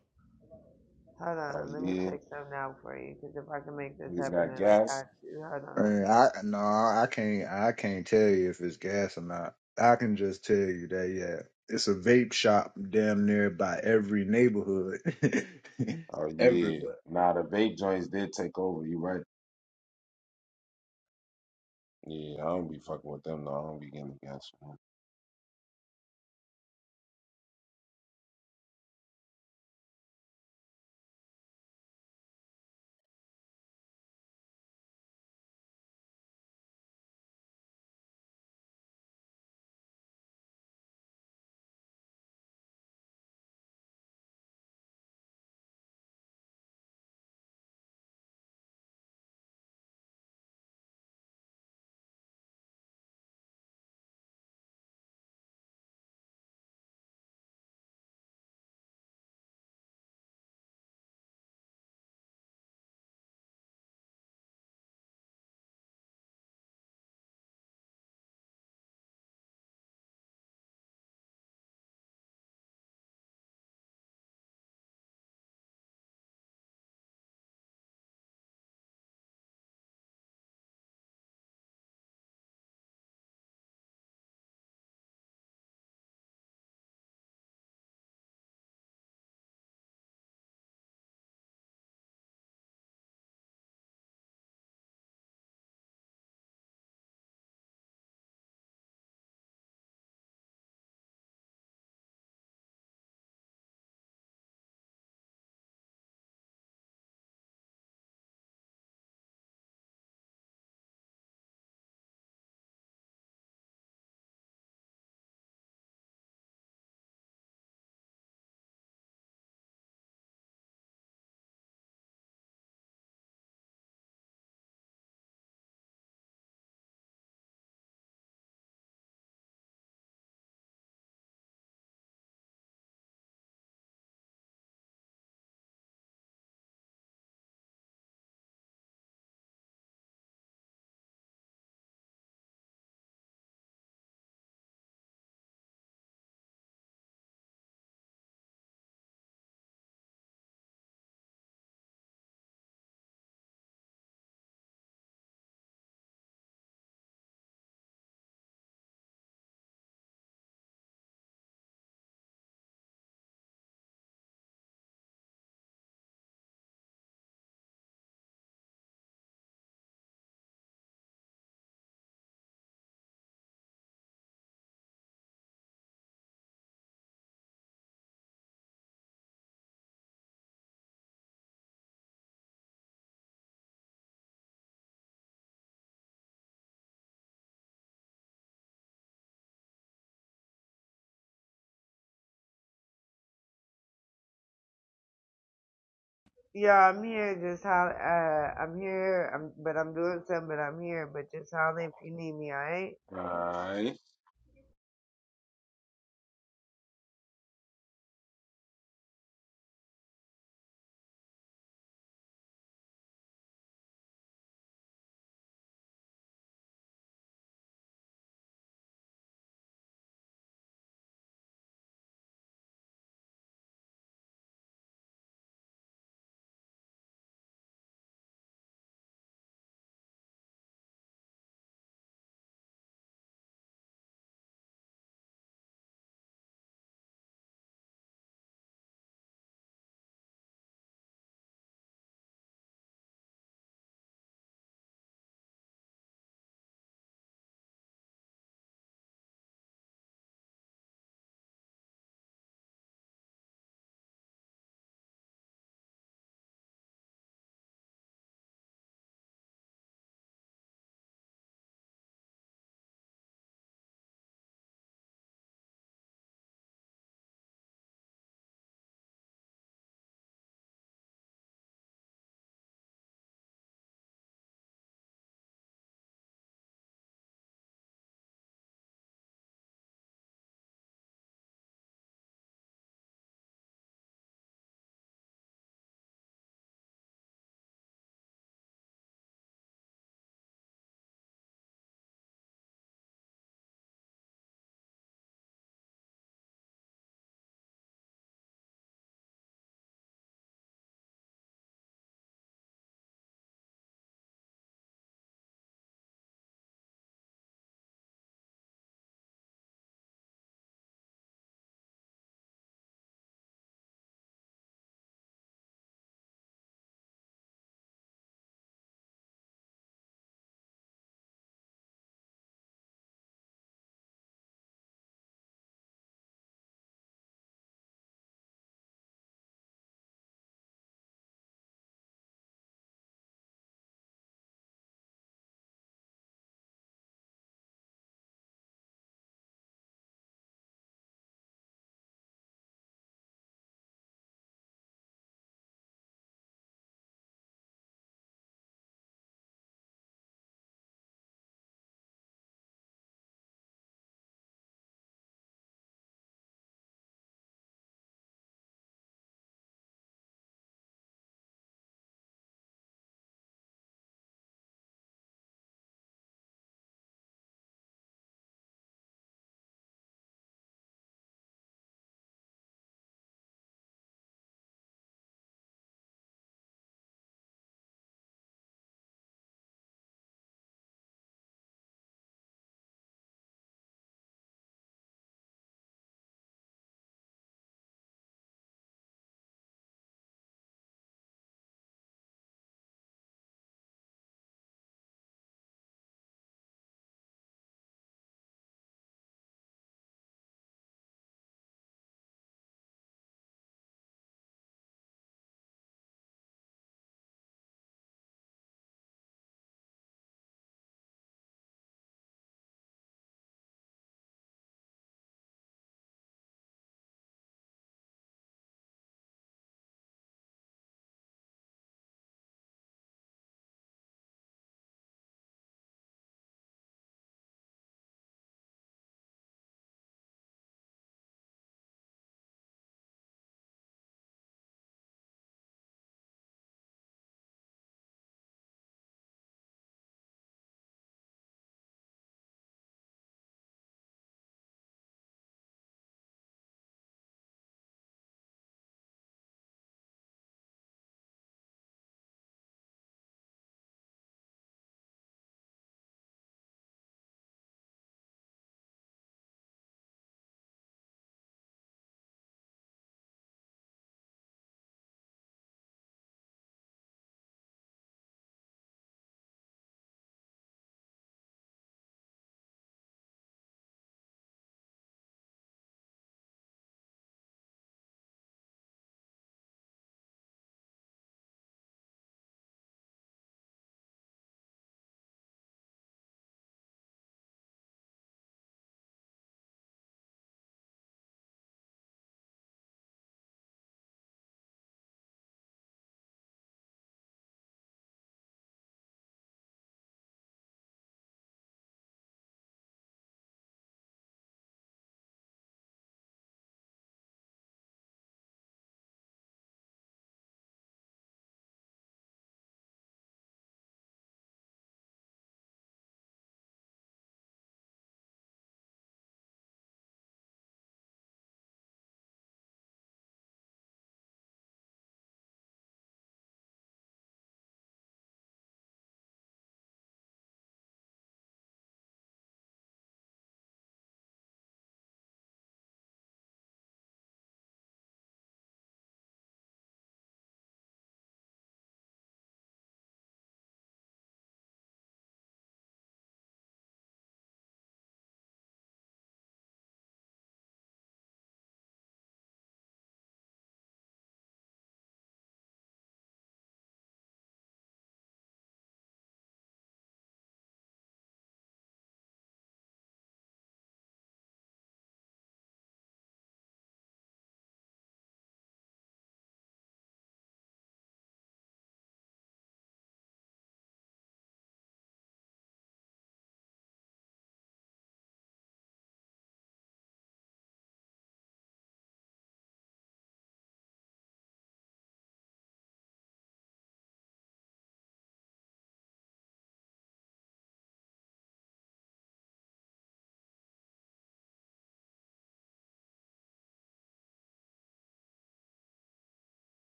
[SPEAKER 6] hold
[SPEAKER 2] Oh
[SPEAKER 6] on, let me
[SPEAKER 2] yeah.
[SPEAKER 6] check something out for you, because if I can make this
[SPEAKER 2] Niggas
[SPEAKER 6] happen, then
[SPEAKER 2] got
[SPEAKER 6] I
[SPEAKER 2] gas.
[SPEAKER 6] got you. Hold on.
[SPEAKER 1] And I no, I can't, I can't tell you if it's gas or not. I can just tell you that, yeah, it's a vape shop damn near by every neighborhood,
[SPEAKER 2] Oh yeah.
[SPEAKER 1] everywhere.
[SPEAKER 2] Nah, the vape joints did take over. You right. Yeah, I don't be fucking with them. No, I don't be getting the gas from them.
[SPEAKER 6] Yeah, I'm here. Just how uh, I'm here. I'm but I'm doing something. But I'm here. But just holler if you need me. All right.
[SPEAKER 2] Alright.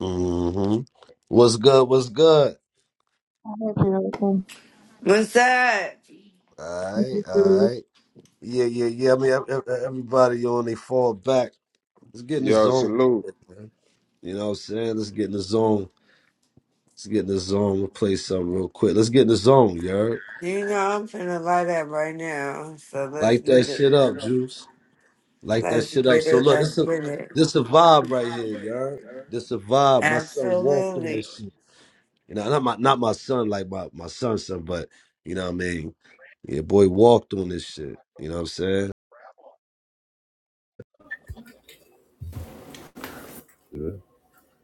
[SPEAKER 15] hmm What's good? What's good?
[SPEAKER 3] I heard
[SPEAKER 6] What's up?
[SPEAKER 15] All right, all
[SPEAKER 3] you.
[SPEAKER 15] right. Yeah, yeah, yeah. I mean, ev- ev- everybody on, they fall back. Let's get in the
[SPEAKER 2] Yo,
[SPEAKER 15] zone.
[SPEAKER 2] salute.
[SPEAKER 15] You know what I'm saying? Let's get in the zone. Let's get in the zone. We'll play something real quick. Let's get in the zone, you heard?
[SPEAKER 6] You know I'm finna light up right now, so let's
[SPEAKER 15] Light that
[SPEAKER 6] get it.
[SPEAKER 15] shit up, Juice. Light that
[SPEAKER 6] Let's
[SPEAKER 15] shit up.
[SPEAKER 6] get
[SPEAKER 15] So
[SPEAKER 6] it.
[SPEAKER 15] look,
[SPEAKER 6] Let's
[SPEAKER 15] this a
[SPEAKER 6] get it.
[SPEAKER 15] this a vibe right here, y'all. This a vibe. My son walked on this
[SPEAKER 6] Absolutely.
[SPEAKER 15] shit. You know, not my not my son, like my my son's son, but you know what I mean. Your boy walked on this shit. You know what I'm saying?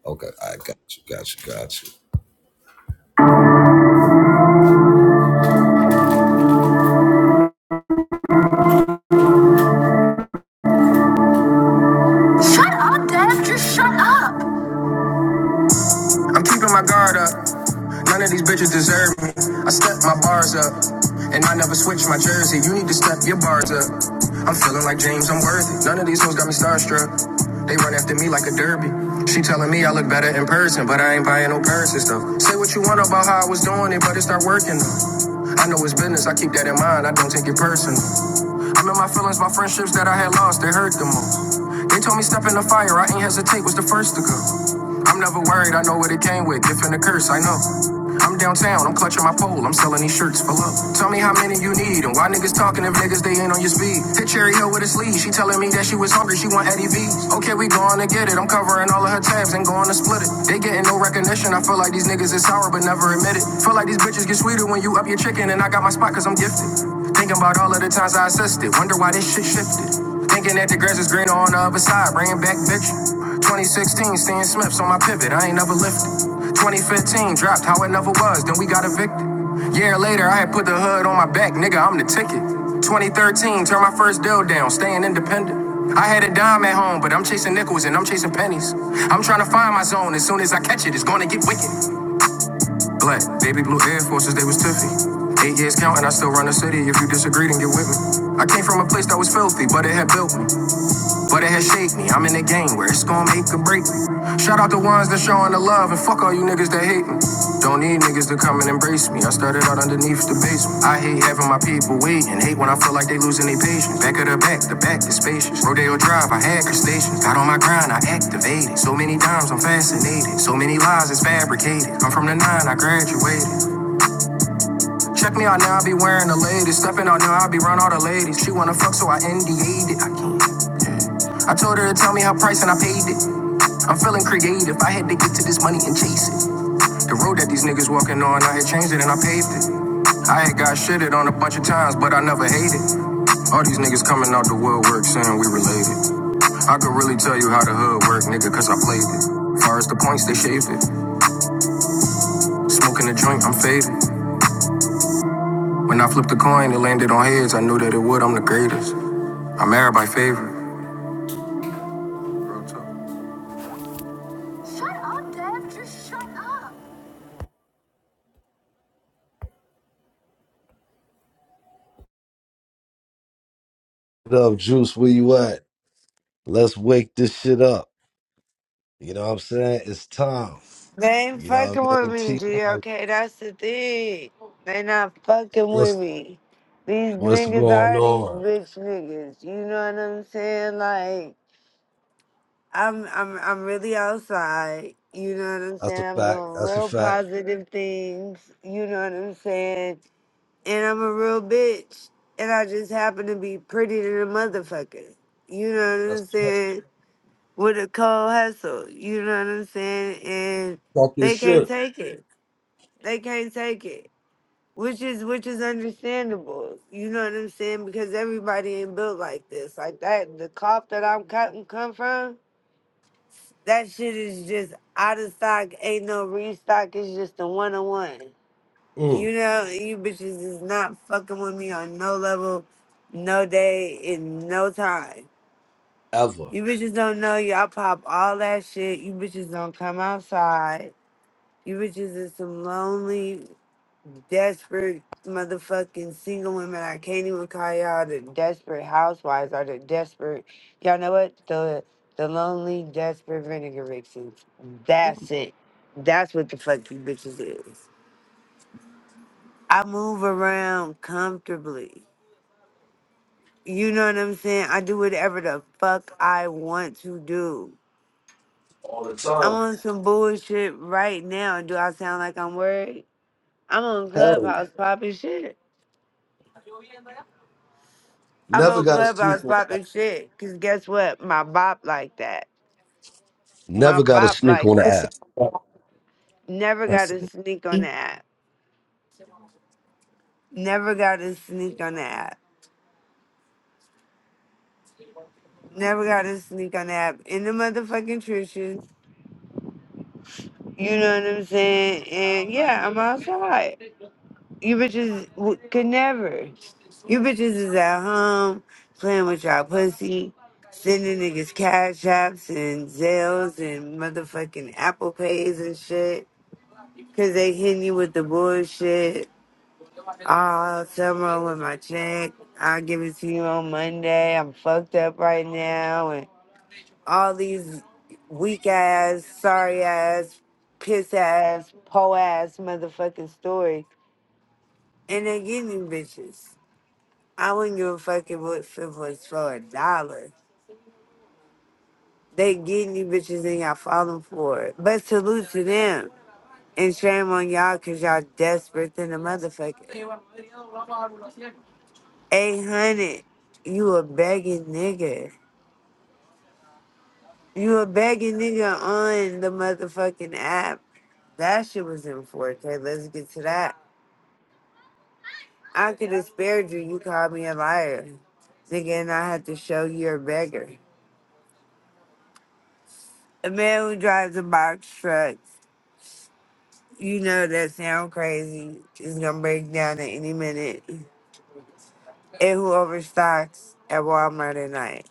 [SPEAKER 15] Okay, I got you, got you, got you. Shut shut up, up. Dad. Just shut up. I'm keeping my guard up. None of these bitches deserve me. I step my bars up. And I never switch my jersey. You need to step your bars up. I'm feeling like James, I'm worthy. None of these hoes got me starstruck. They run after me like a derby. She telling me I look better in person, but I ain't buying no purse and stuff. Say what you want about how I was doing it, but it start working though. I know it's business, I keep that in mind, I don't take it personal. I'm in my feelings, my friendships that I had lost, they hurt the most. They told me step in the fire, I ain't hesitate, was the first to go. I'm never worried, I know what it came with. Gift and a curse, I know. I'm downtown, I'm clutching my pole, I'm selling these shirts for love. Tell me how many you need and why niggas talking if niggas they ain't on your speed. Hit Cherry Hill with a sleeve, she telling me that she was hungry, she want Eddie V's. Okay, we going to get it, I'm covering all of her tabs and going to split it. They getting no recognition, I feel like these niggas is sour but never admit it. Feel like these bitches get sweeter when you up your chicken and I got my spot cause I'm gifted. Thinking about all of the times I assisted, wonder why this shit shifted. Thinking that the grass is greener on the other side, bringing back picture. 2016, seeing Smith's on my pivot, I ain't never lifted. 2015, dropped how it never was, then we got evicted. Year later, I had put the hood on my back, nigga, I'm the ticket. 2013, turned my first deal down, staying independent. I had a dime at home, but I'm chasing nickels and I'm chasing pennies. I'm trying to find my zone, as soon as I catch it, it's gonna get wicked. Black, baby blue Air Forces, they was tiffy. Eight years counting, I still run the city. If you disagree, then get with me. I came from a place that was filthy, but it had built me. But it has shaped me. I'm in a game where it's gonna make or break me. Shout out the ones that showing the love and fuck all you niggas that hate me. Don't need niggas to come and embrace me. I started out underneath the basement. I hate having my people waiting. Hate when I feel like they losing their patience. Back of the back, the back is spacious. Rodeo Drive, I had the station. Got on my grind, I activated. So many times I'm fascinated. So many lies is fabricated. I'm from the nine, I graduated. Check me out now, I be wearing the latest. Stepping out now, I be around all the ladies. She wanna fuck, so I NDA'd it. I can't. I told her to tell me her price and I paid it. I'm feeling creative. I had to get to this money and chase it. The road that these niggas walking on, I had changed it and I paved it. I had got shitted on a bunch of times, but I never hated. All these niggas coming out the woodwork saying we related. I could really tell you how the hood work, nigga, cause I played it. Far as the points, they shaved it. Smoking a joint, I'm faded. When I flipped the coin, it landed on heads. I knew that it would, I'm the greatest. I'm married by favorite. Shut shut up, up. Just shut up. What up, Juice? Where you at? Let's wake this shit up. You know what I'm saying? It's time.
[SPEAKER 6] They ain't
[SPEAKER 15] You know
[SPEAKER 6] fucking
[SPEAKER 15] what I
[SPEAKER 6] with
[SPEAKER 15] mean?
[SPEAKER 6] me,
[SPEAKER 15] T
[SPEAKER 6] G.
[SPEAKER 15] Rob,
[SPEAKER 6] Okay, that's the thing. They not fucking with
[SPEAKER 15] what's
[SPEAKER 6] me. These
[SPEAKER 15] what's
[SPEAKER 6] niggas
[SPEAKER 15] going
[SPEAKER 6] are these
[SPEAKER 15] on?
[SPEAKER 6] bitch niggas. You know what I'm saying? Like. I'm I'm I'm really outside. You know what I'm
[SPEAKER 15] That's
[SPEAKER 6] saying?
[SPEAKER 15] a
[SPEAKER 6] I'm
[SPEAKER 15] fact.
[SPEAKER 6] doing
[SPEAKER 15] That's a
[SPEAKER 6] real
[SPEAKER 15] fact.
[SPEAKER 6] positive things. You know what I'm saying? And I'm a real bitch. And I just happen to be pretty than a motherfucker. You know what
[SPEAKER 15] That's
[SPEAKER 6] I'm
[SPEAKER 15] a fact.
[SPEAKER 6] saying? With a cold hustle. You know what I'm saying? And
[SPEAKER 15] Talk your
[SPEAKER 6] they can't
[SPEAKER 15] shit.
[SPEAKER 6] take it. They can't take it. Which is which is understandable. You know what I'm saying? Because everybody ain't built like this. Like that the cloth that I'm cutting come from that shit is just out of stock. Ain't no restock. It's just a one on one.
[SPEAKER 15] Mm,
[SPEAKER 6] You know, you bitches is not fucking with me on no level, no day, in no time.
[SPEAKER 15] ever.
[SPEAKER 6] You bitches don't know y'all pop all that shit. You bitches don't come outside. You bitches is some lonely desperate motherfucking single women. I can't even call y'all the desperate housewives or the desperate. Y'all know what? The the lonely, desperate vinegar vixens. That's it. That's what the fuck you bitches is. I move around comfortably. You know what I'm saying? I do whatever the fuck I want to do.
[SPEAKER 15] All the
[SPEAKER 6] I'm
[SPEAKER 15] time.
[SPEAKER 6] on some bullshit right now. Do I sound like I'm worried? I'm on
[SPEAKER 15] Hell.
[SPEAKER 6] Clubhouse popping shit. I'm
[SPEAKER 15] Never
[SPEAKER 6] on
[SPEAKER 15] got to sneak
[SPEAKER 6] Clubhouse
[SPEAKER 15] on the app.
[SPEAKER 6] popping shit. Cause guess what? My bop like that. My
[SPEAKER 15] Never got to
[SPEAKER 6] bop
[SPEAKER 15] sneak on
[SPEAKER 6] like
[SPEAKER 15] the
[SPEAKER 6] that.
[SPEAKER 15] app.
[SPEAKER 16] Blessings.
[SPEAKER 6] Never got to
[SPEAKER 16] Blessings.
[SPEAKER 6] sneak on the app. Never got to sneak on the app. Never got to sneak on the app. In the motherfucking trenches. You know what I'm saying? And yeah, I'm outside. You bitches w- could never. You bitches is at home playing with y'all pussy. Sending niggas cash apps and Zales and motherfucking Apple Pays and shit. Cause they hitting you with the bullshit all summer with my check. I'll give it to you on Monday. I'm fucked up right now and all these weak ass, sorry ass, piss ass, po ass motherfucking stories. And they getting you bitches. I wouldn't give a fuck if it if it was for a dollar. They getting you bitches and y'all falling for it. But salute to them. And shame on y'all cause y'all desperate than a motherfucker. 800. You a begging nigga. You a begging nigga on the motherfucking app. That shit was in 4K. Let's get to that. I could have spared you. You called me a liar. Nigga, and I had to show you're a beggar. A man who drives a box truck, you know that sound crazy, is gonna break down at any minute. And who overstocks at Walmart at night.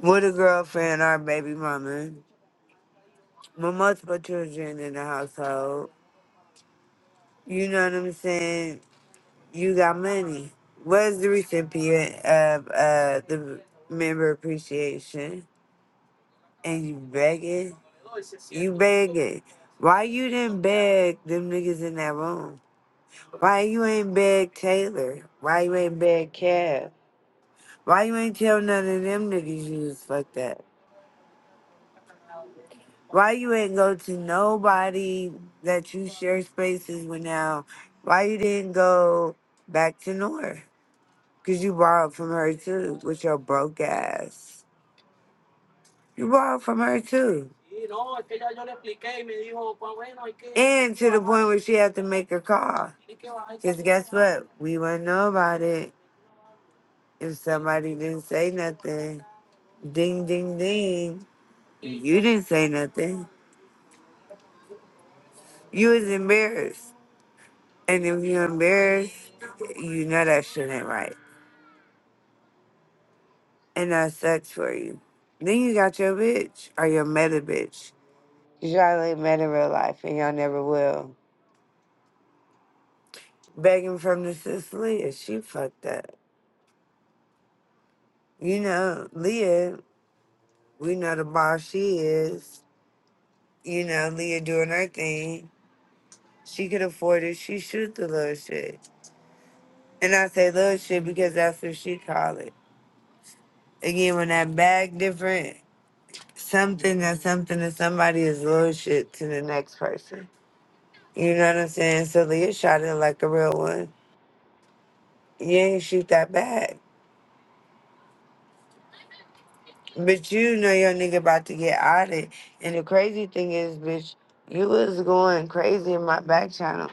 [SPEAKER 6] With a girlfriend or a baby mama. With multiple children in the household You know what I'm saying? You got money. Was the recipient of uh the member appreciation and you begging? You begging. Why you didn't beg them niggas in that room? Why you ain't beg Taylor? Why you ain't beg Cab? Why you ain't tell none of them niggas you was fucked up? Why you ain't go to nobody that you share spaces with now? Why you didn't go back to North? Because you borrowed from her too, with your broke ass. You borrowed from her too. And to the point where she had to make a call. Because guess what? We wouldn't know about it if somebody didn't say nothing. Ding, ding, ding. You didn't say nothing. You was embarrassed. And if you're embarrassed, you know that shit ain't right. And that sucks for you. Then you got your bitch or your meta bitch. Y'all ain't met in real life and y'all never will. Begging from the sis Leah, she fucked up. You know, Leah, we know the boss she is. You know, Leah doing her thing. She could afford it. She shoot the little shit. And I say little shit because that's what she call it. Again, when that bag different, something that something to somebody is little shit to the next person. You know what I'm saying? So Leah shot it like a real one. You ain't shoot that bag. But you know your nigga about to get outed. And the crazy thing is, bitch, you was going crazy in my back channel,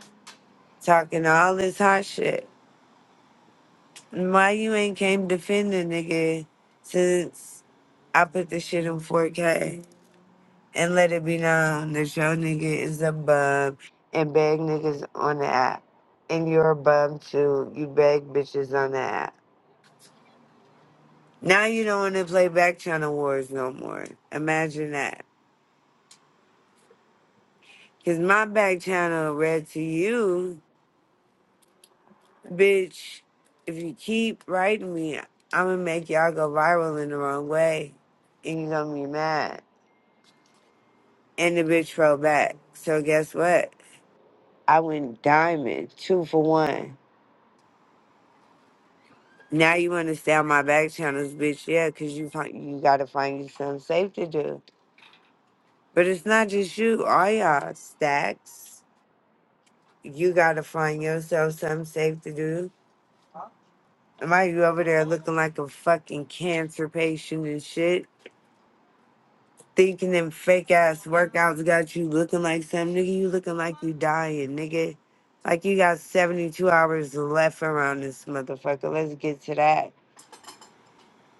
[SPEAKER 6] talking all this hot shit. Why you ain't came defend the nigga since I put the shit in 4K and let it be known that your nigga is a bum and beg niggas on the app. And you're a bum too. You beg bitches on the app. Now you don't want to play back channel wars no more. Imagine that. Cause my back channel read to you, bitch. If you keep writing me, I'ma make y'all go viral in the wrong way, and you gonna be mad. And the bitch wrote back. So guess what? I went diamond, two for one. Now you understand my back channels, bitch. Yeah, cause you find you gotta find you something safe to do. But it's not just you, all y'all stacks. You gotta find yourself something safe to do Why you over there looking like a fucking cancer patient and shit? Thinking them fake ass workouts got you looking like something. Nigga, you looking like you dying, nigga. Like you got 72 hours left around this motherfucker. Let's get to that.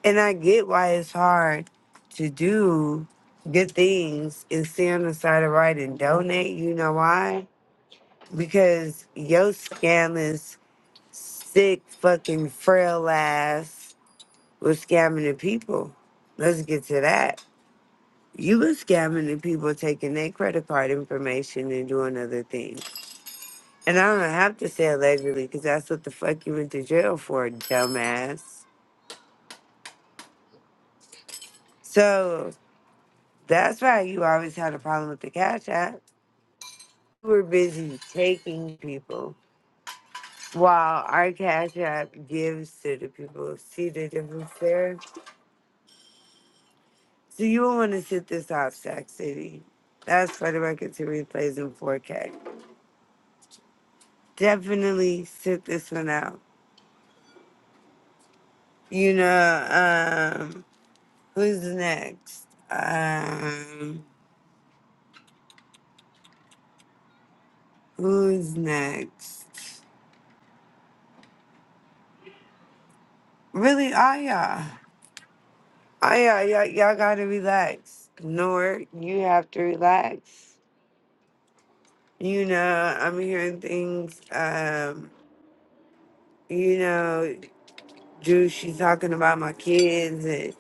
[SPEAKER 6] And I get why it's hard to do good things and stay on the side of right and donate. You know why? Because your scandalous, sick, fucking frail ass was scamming the people. Let's get to that. You was scamming the people taking their credit card information and doing other things. And I don't have to say allegedly because that's what the fuck you went to jail for, dumbass. So that's why you always had a problem with the Cash App. we were busy taking people while our Cash App gives to the people. See the difference there? So you will want to sit this off, Sac City. That's for the record to replays in 4K. definitely sit this one out. You know, um, who's next? Um, who's next? Really, all y'all. All y'all, y'all, y'all gotta relax. Nor, you have to relax. You know, I'm hearing things, um, you know, Drew, she's talking about my kids and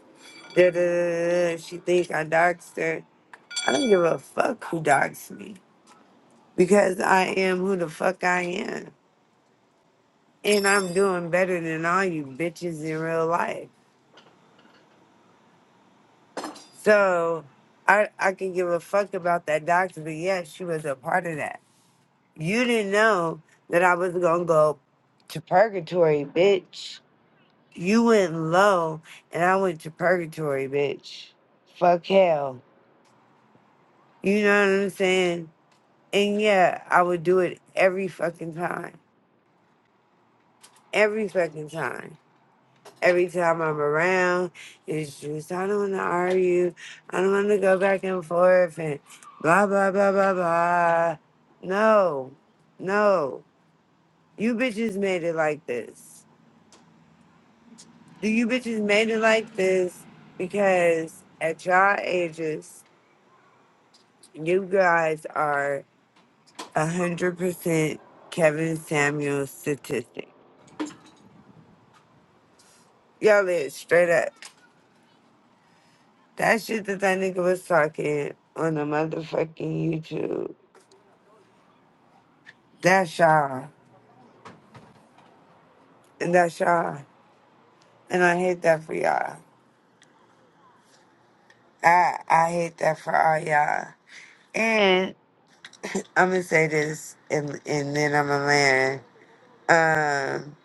[SPEAKER 6] da da da. da, da. She think I doxed her. I don't give a fuck who doxed me. because I am who the fuck I am. And I'm doing better than all you bitches in real life. So I I can give a fuck about that doctor, but yes, she was a part of that. You didn't know that I was gonna go to purgatory, bitch. You went low and I went to purgatory, bitch. Fuck hell. You know what I'm saying? And yeah, I would do it every fucking time. Every fucking time. Every time I'm around, it's just, I don't want to argue. I don't want to go back and forth and blah, blah, blah, blah, blah. No, no. You bitches made it like this. Do you bitches made it like this? Because at y'all ages, you guys are 100% Kevin Samuels statistic. Y'all is straight up. That shit that that nigga was talking on the motherfucking YouTube. That's y'all. And that's y'all. And I hate that for y'all. I I hate that for all y'all. And I'm gonna say this, and and then I'm a man. Um,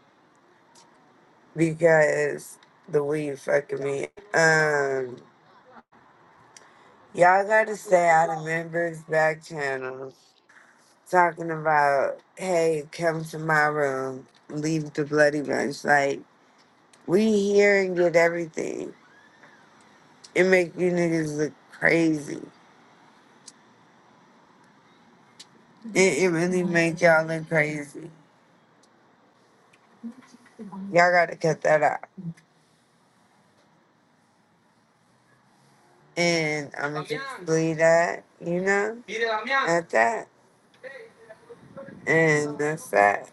[SPEAKER 6] because the weed fucking me. Um, y'all gotta stay out of members' back channels talking about, hey, come to my room, leave the bloody bunch. Like we hear and get everything. It make you niggas look crazy. It, it really make y'all look crazy. Y'all gotta cut that out. And I'm gonna just leave that, you know, at that. And that's that.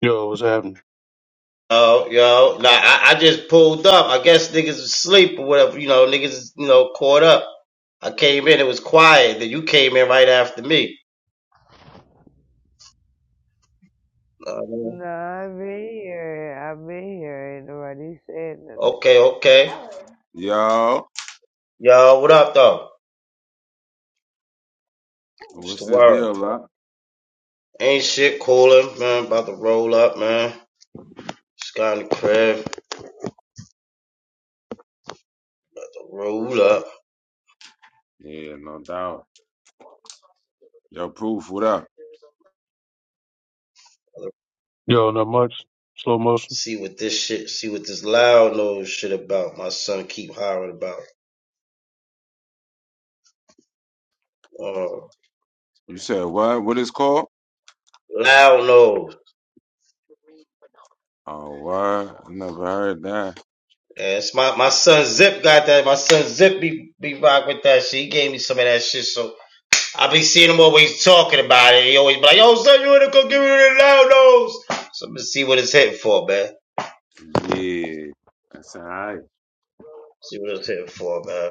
[SPEAKER 17] Yo, what's happening?
[SPEAKER 8] Oh, yo, nah, I, I just pulled up. I guess niggas was asleep or whatever, you know, niggas, is, you know, caught up. I came in, it was quiet. Then you came in right after me. Uh,
[SPEAKER 6] No, I've been here. I've been here. Ain't nobody said nothing.
[SPEAKER 8] okay, okay.
[SPEAKER 2] Yo.
[SPEAKER 8] Yo, what up, though? It's
[SPEAKER 2] What's
[SPEAKER 8] the
[SPEAKER 2] the
[SPEAKER 8] word.
[SPEAKER 2] deal, huh?
[SPEAKER 8] Ain't shit cooler, man. About to roll up, man. Just got in the crib. to Roll up.
[SPEAKER 2] Yeah, no doubt. Yo, proof, what up?
[SPEAKER 17] Yo, not much. Slow motion.
[SPEAKER 8] See what this shit, see what this loud nose shit about. My son keep hollering about. Uh,
[SPEAKER 2] You said what? What is called?
[SPEAKER 8] loud nose.
[SPEAKER 2] Oh, what? I never heard that.
[SPEAKER 8] And it's my, my son Zip got that. My son Zip be, be rock with that shit. He gave me some of that shit. So I be seeing him always talking about it. He always be like, yo, son, you wanna go give me the loud nose? So I'm gonna see what it's hitting for, man.
[SPEAKER 2] Yeah, that's alright.
[SPEAKER 8] See what it's hitting for, man.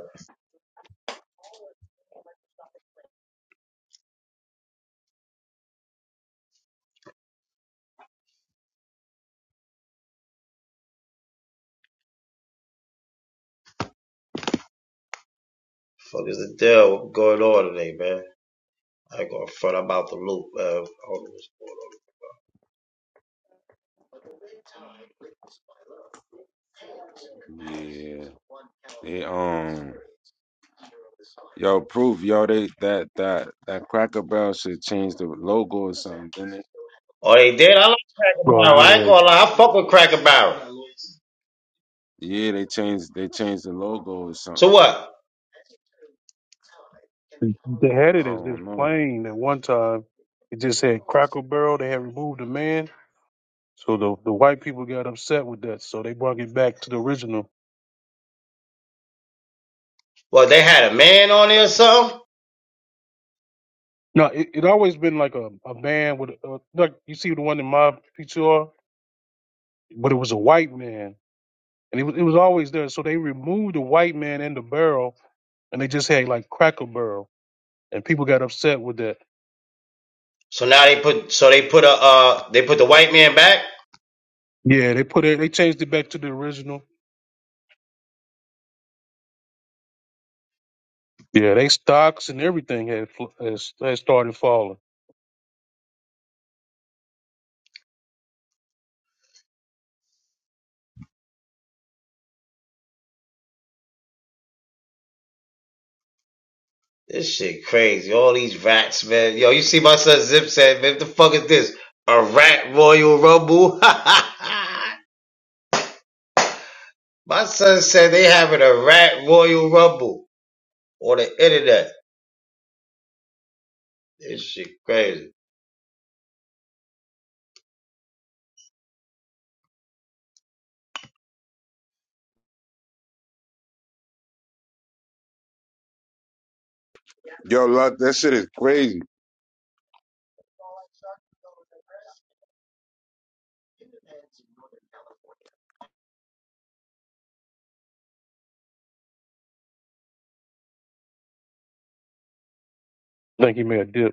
[SPEAKER 8] Fuck is the deal? What going on today, man? I ain't gonna front about the loop. Uh, all
[SPEAKER 2] Yeah, they um, yo, proof, yo, they that that that Cracker Barrel should change the logo or something, didn't it?
[SPEAKER 8] oh, they did. I like Cracker
[SPEAKER 17] Well,
[SPEAKER 8] Barrel.
[SPEAKER 17] yeah.
[SPEAKER 8] I ain't gonna lie. I fuck with Cracker Barrel.
[SPEAKER 2] Yeah, they changed they changed the logo or something.
[SPEAKER 8] So what?
[SPEAKER 17] They had
[SPEAKER 2] I
[SPEAKER 17] it as this
[SPEAKER 2] don't know.
[SPEAKER 17] plane at one time. It just had Cracker Barrel. They had removed the man. So the, the white people got upset with that. So they brought it back to the original.
[SPEAKER 8] Well, they had a man on there or something.
[SPEAKER 17] No, it, it always been like a, a man with, a, like you see the one in my PTR, but it was a white man. And it was, it was always there. So they removed the white man and the barrel and they just had like Cracker Barrel. And people got upset with that.
[SPEAKER 8] So now they put. So they put a. Uh, they put the white man back.
[SPEAKER 17] Yeah, they put it, they changed it back to the original. Yeah, they stocks and everything had fl- has, has started falling.
[SPEAKER 8] This shit crazy. All these rats, man. Yo, you see my son Zip said, man, what the fuck is this? A rat Royal Rumble? my son said they having a rat Royal Rumble on the internet. This shit crazy.
[SPEAKER 2] Yo, look, that shit is crazy.
[SPEAKER 17] I think he made a dip.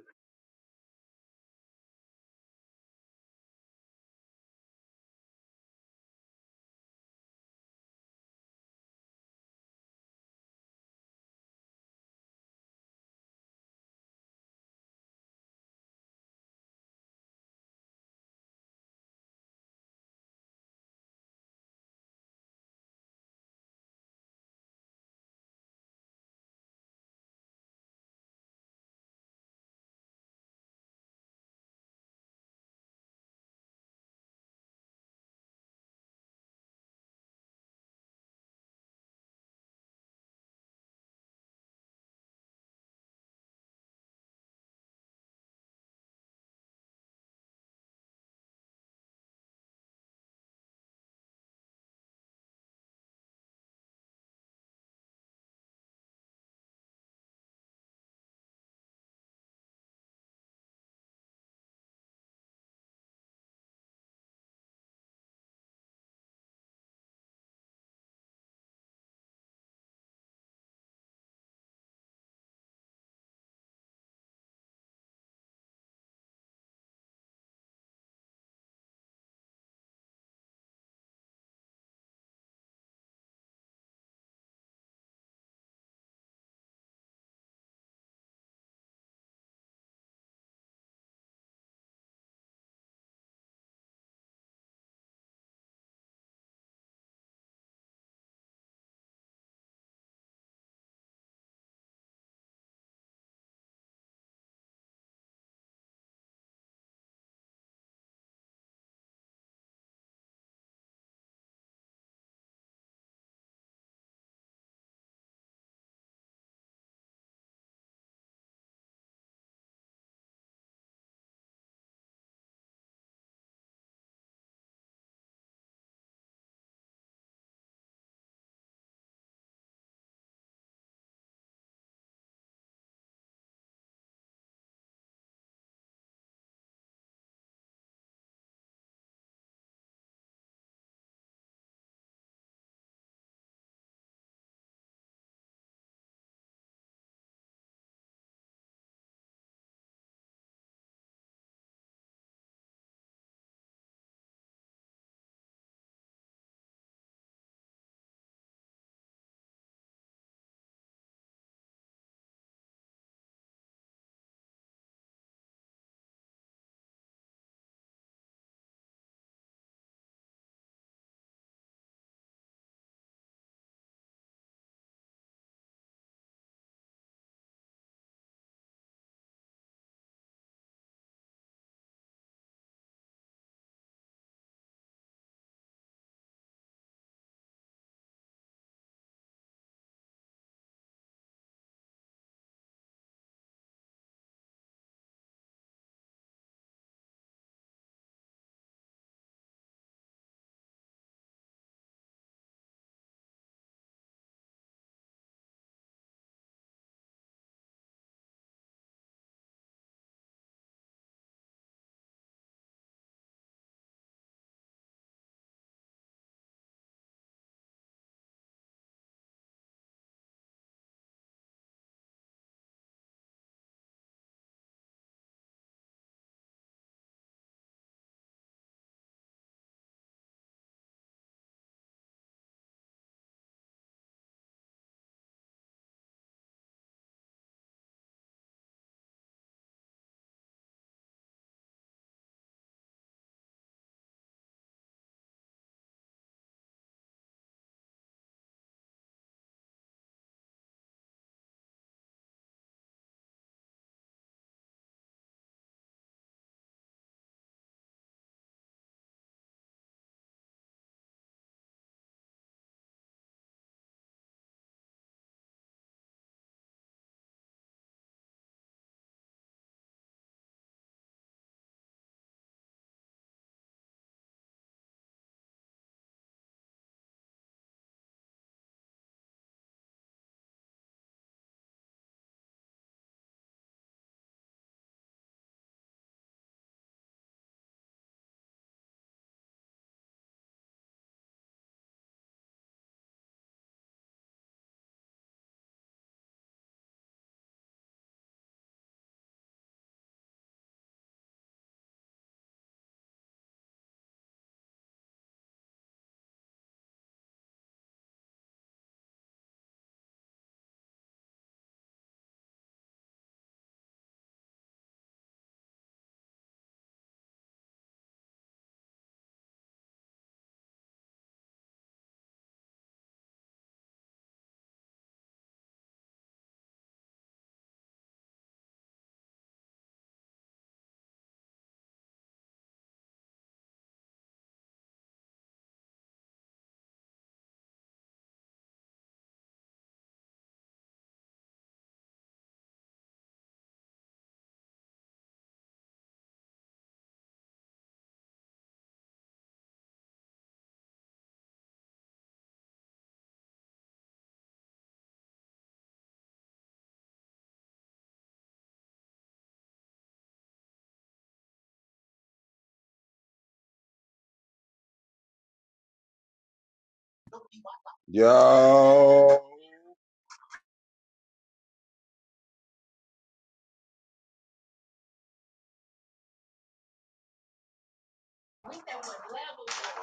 [SPEAKER 2] Yo,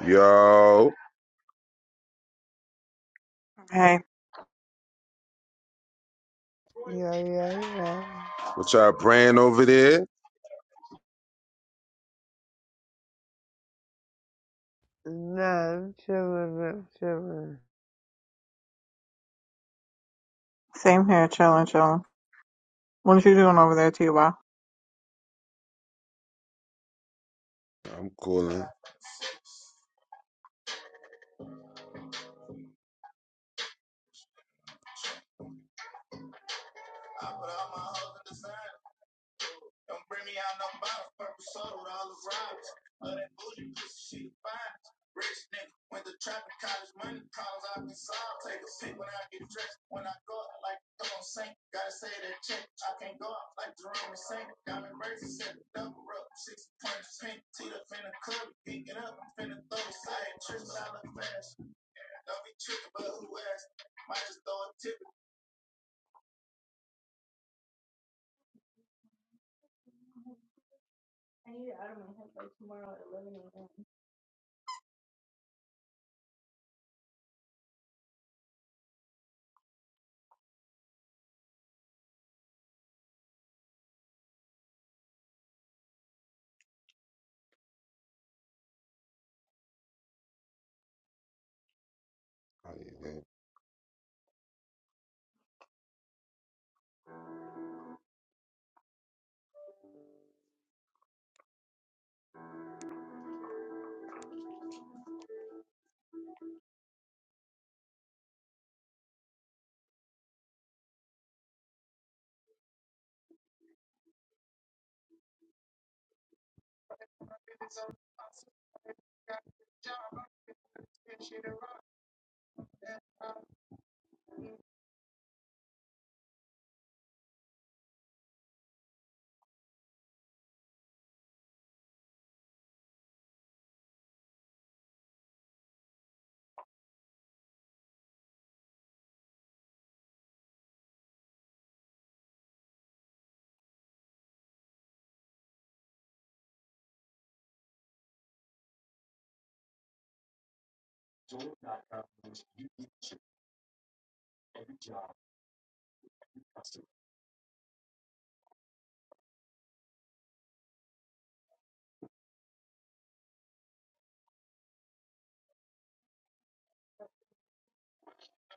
[SPEAKER 2] yo.
[SPEAKER 3] Hey.
[SPEAKER 6] Yeah, yeah, yeah.
[SPEAKER 2] What y'all praying over there?
[SPEAKER 6] No, I'm chilling. I'm chilling.
[SPEAKER 3] Same here, chilling, chilling. What are you doing over there, T.Y.?
[SPEAKER 2] I'm calling.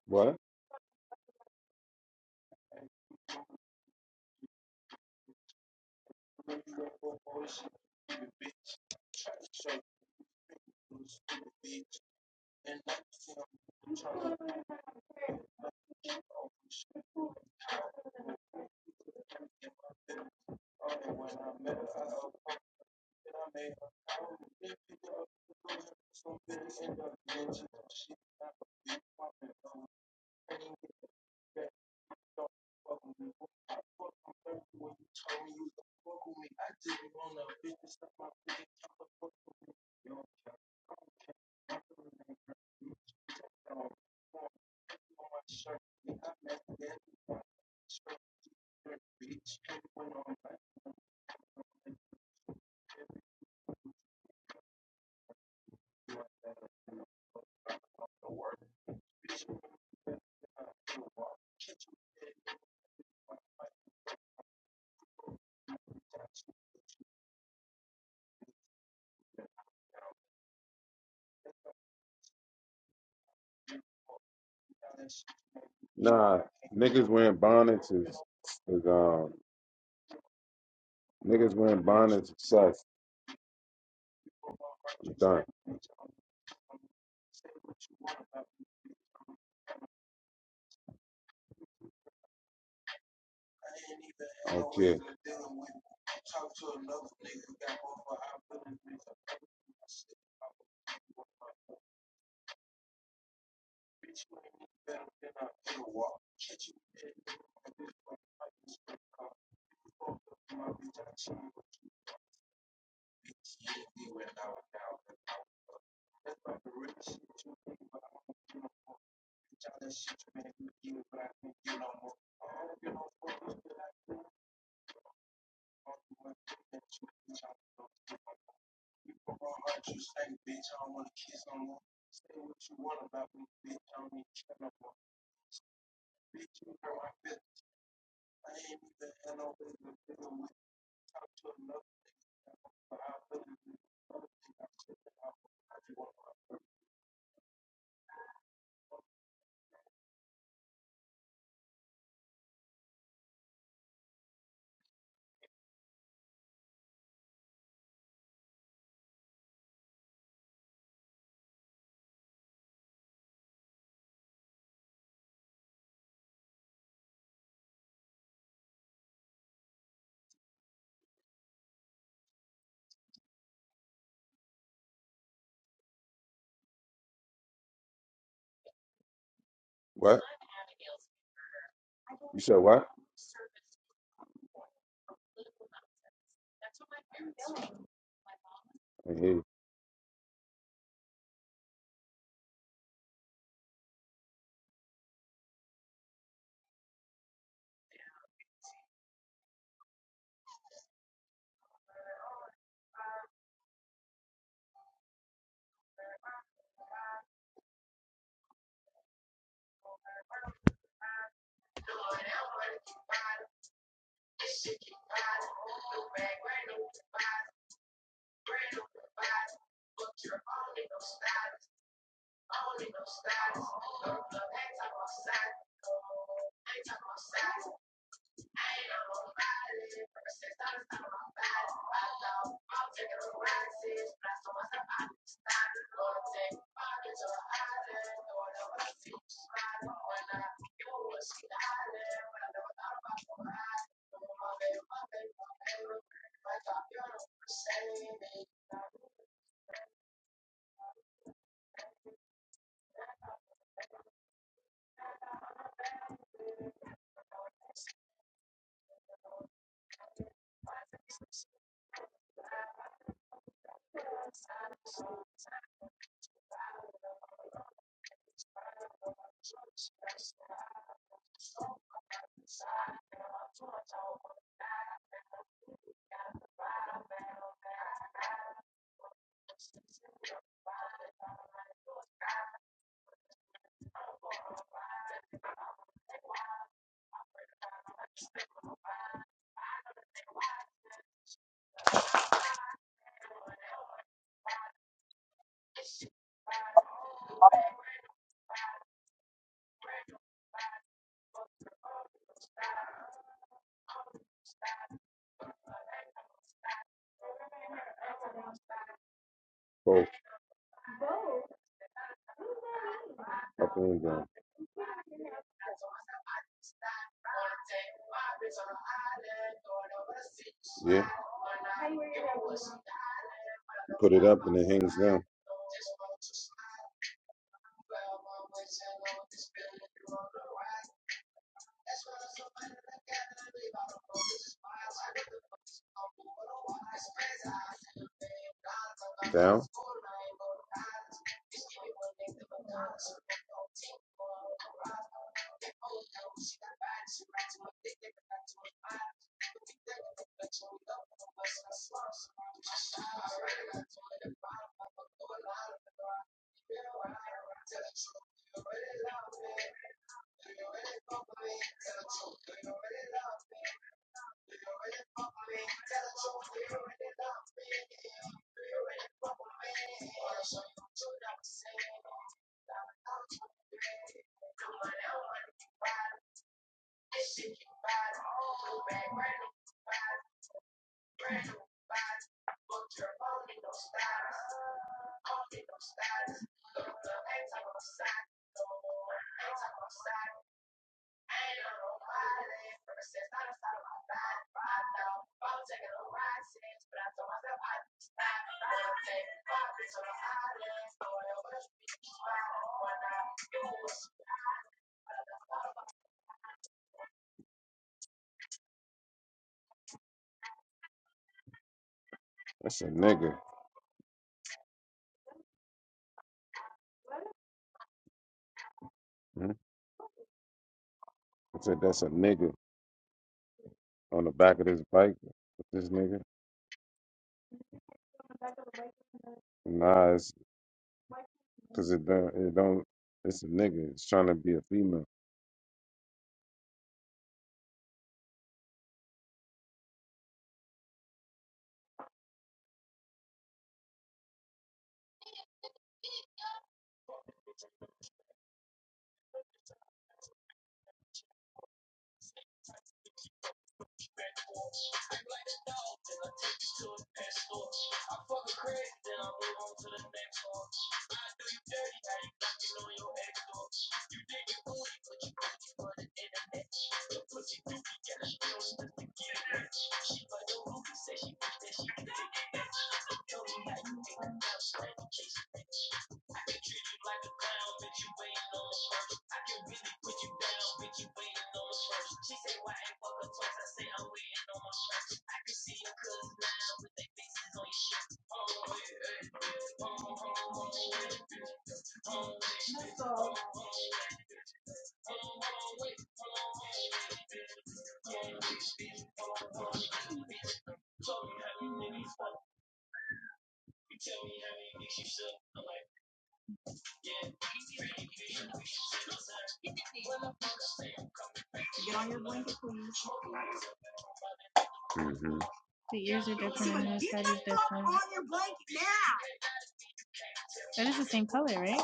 [SPEAKER 2] What? Nah, niggas wearing bonnets is, is um niggas wearing bonnets is sus. I'm done. I don't care. What? You said what? I hear you. both up and down. Yeah. You put it up and it hangs down. Down. That's a nigga. Mhm. I said that's a nigga on the back of this bike. This nigga. Nah, it's because it don't. It don't. It's a nigga. It's trying to be a female. hmm The ears are different. That is the same color, right?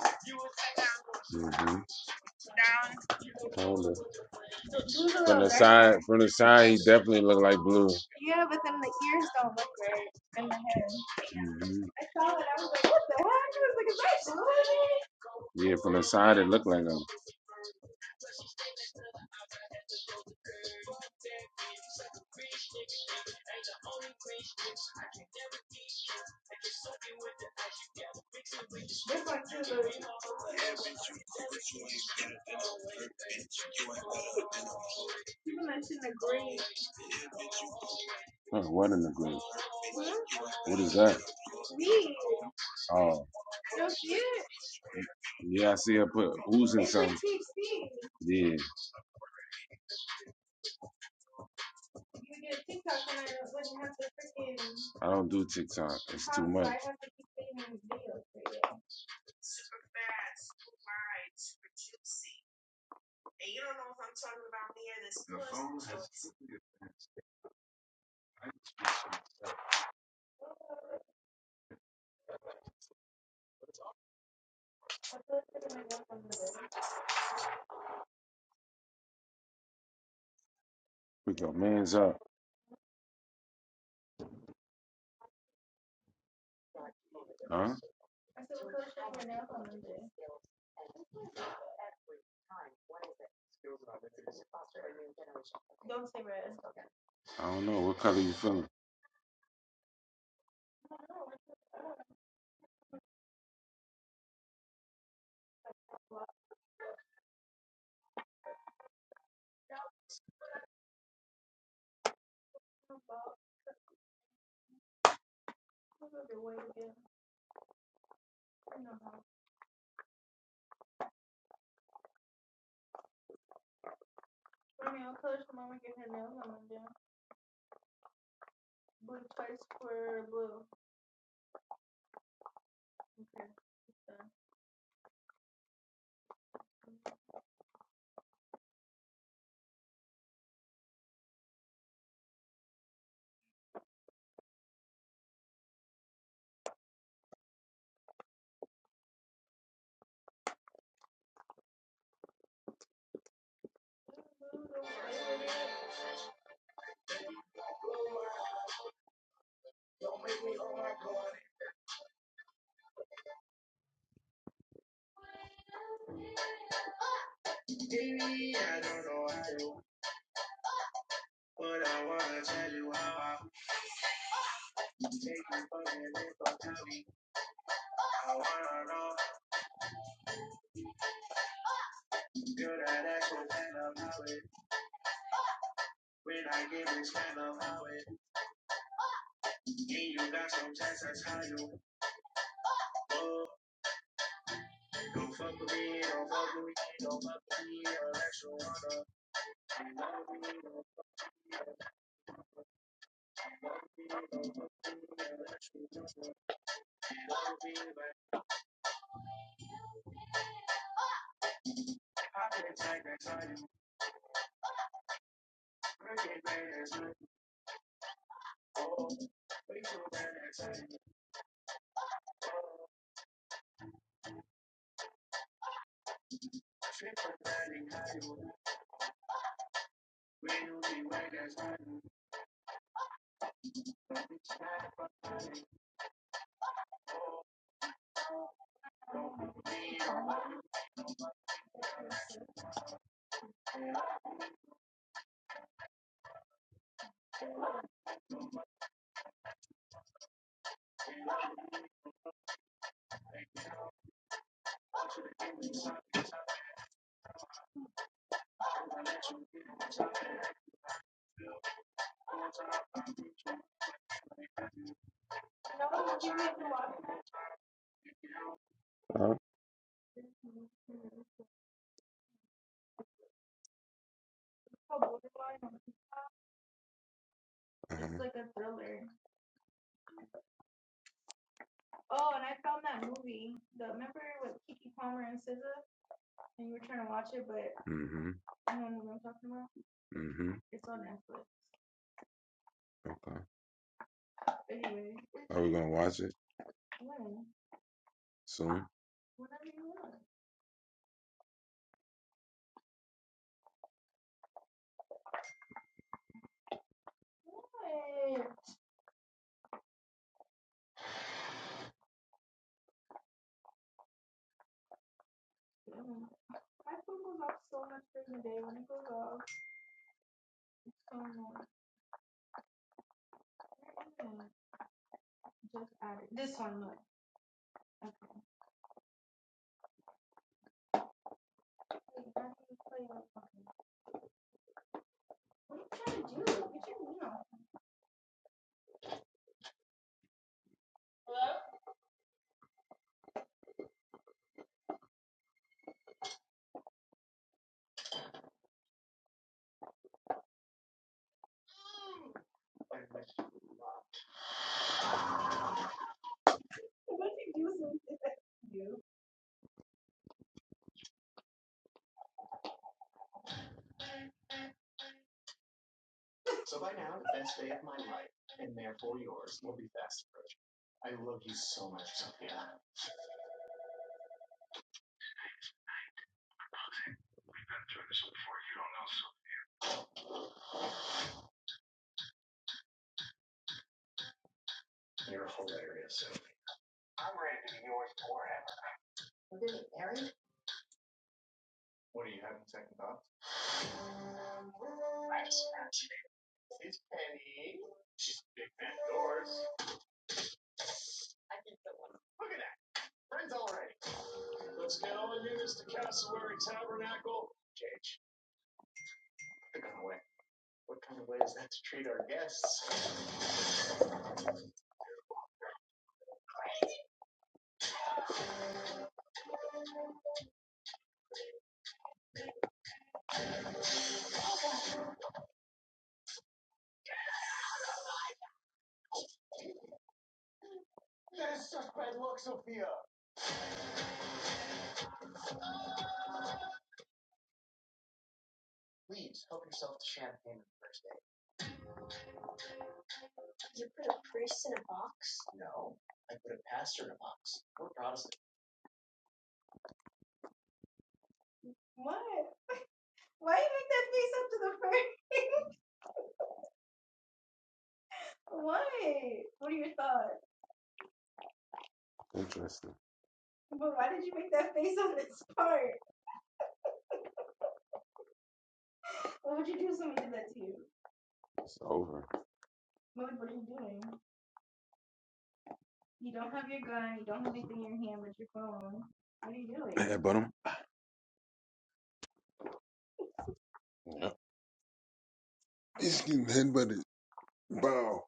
[SPEAKER 2] hmm From the side, from the side, he definitely looked like blue. hmm Yeah, from the side, it looked like him. Huh, what in the blue? What is that? Oh, yeah, I see. I put who's in something. Yeah, I don't do TikTok. It's too much. We go, man's up. Huh? I don't know. What color you feeling? Huh? Uh-huh. It's like a thriller. Mm-hmm. Mm-hmm. Okay. Are we gonna watch it soon? Interesting. It's over. What are you doing? Headbutt him. Yep. Excuse me. Headbutt it. Bow.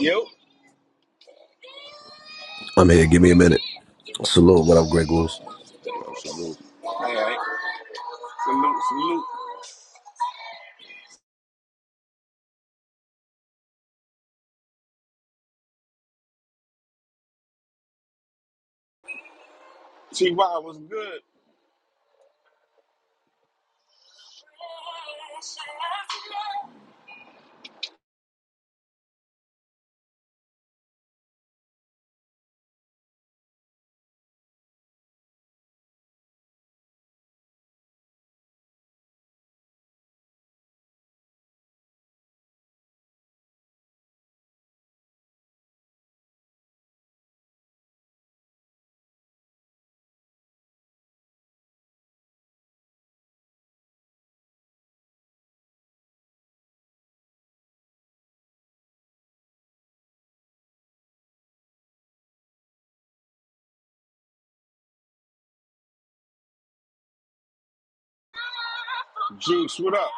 [SPEAKER 18] Yep.
[SPEAKER 15] I'm here. Give me a minute. Salute. What up, Grey Goose?
[SPEAKER 2] Yo, salute.
[SPEAKER 18] All right. Salute, salute. T.Y. was good. Juice, what up?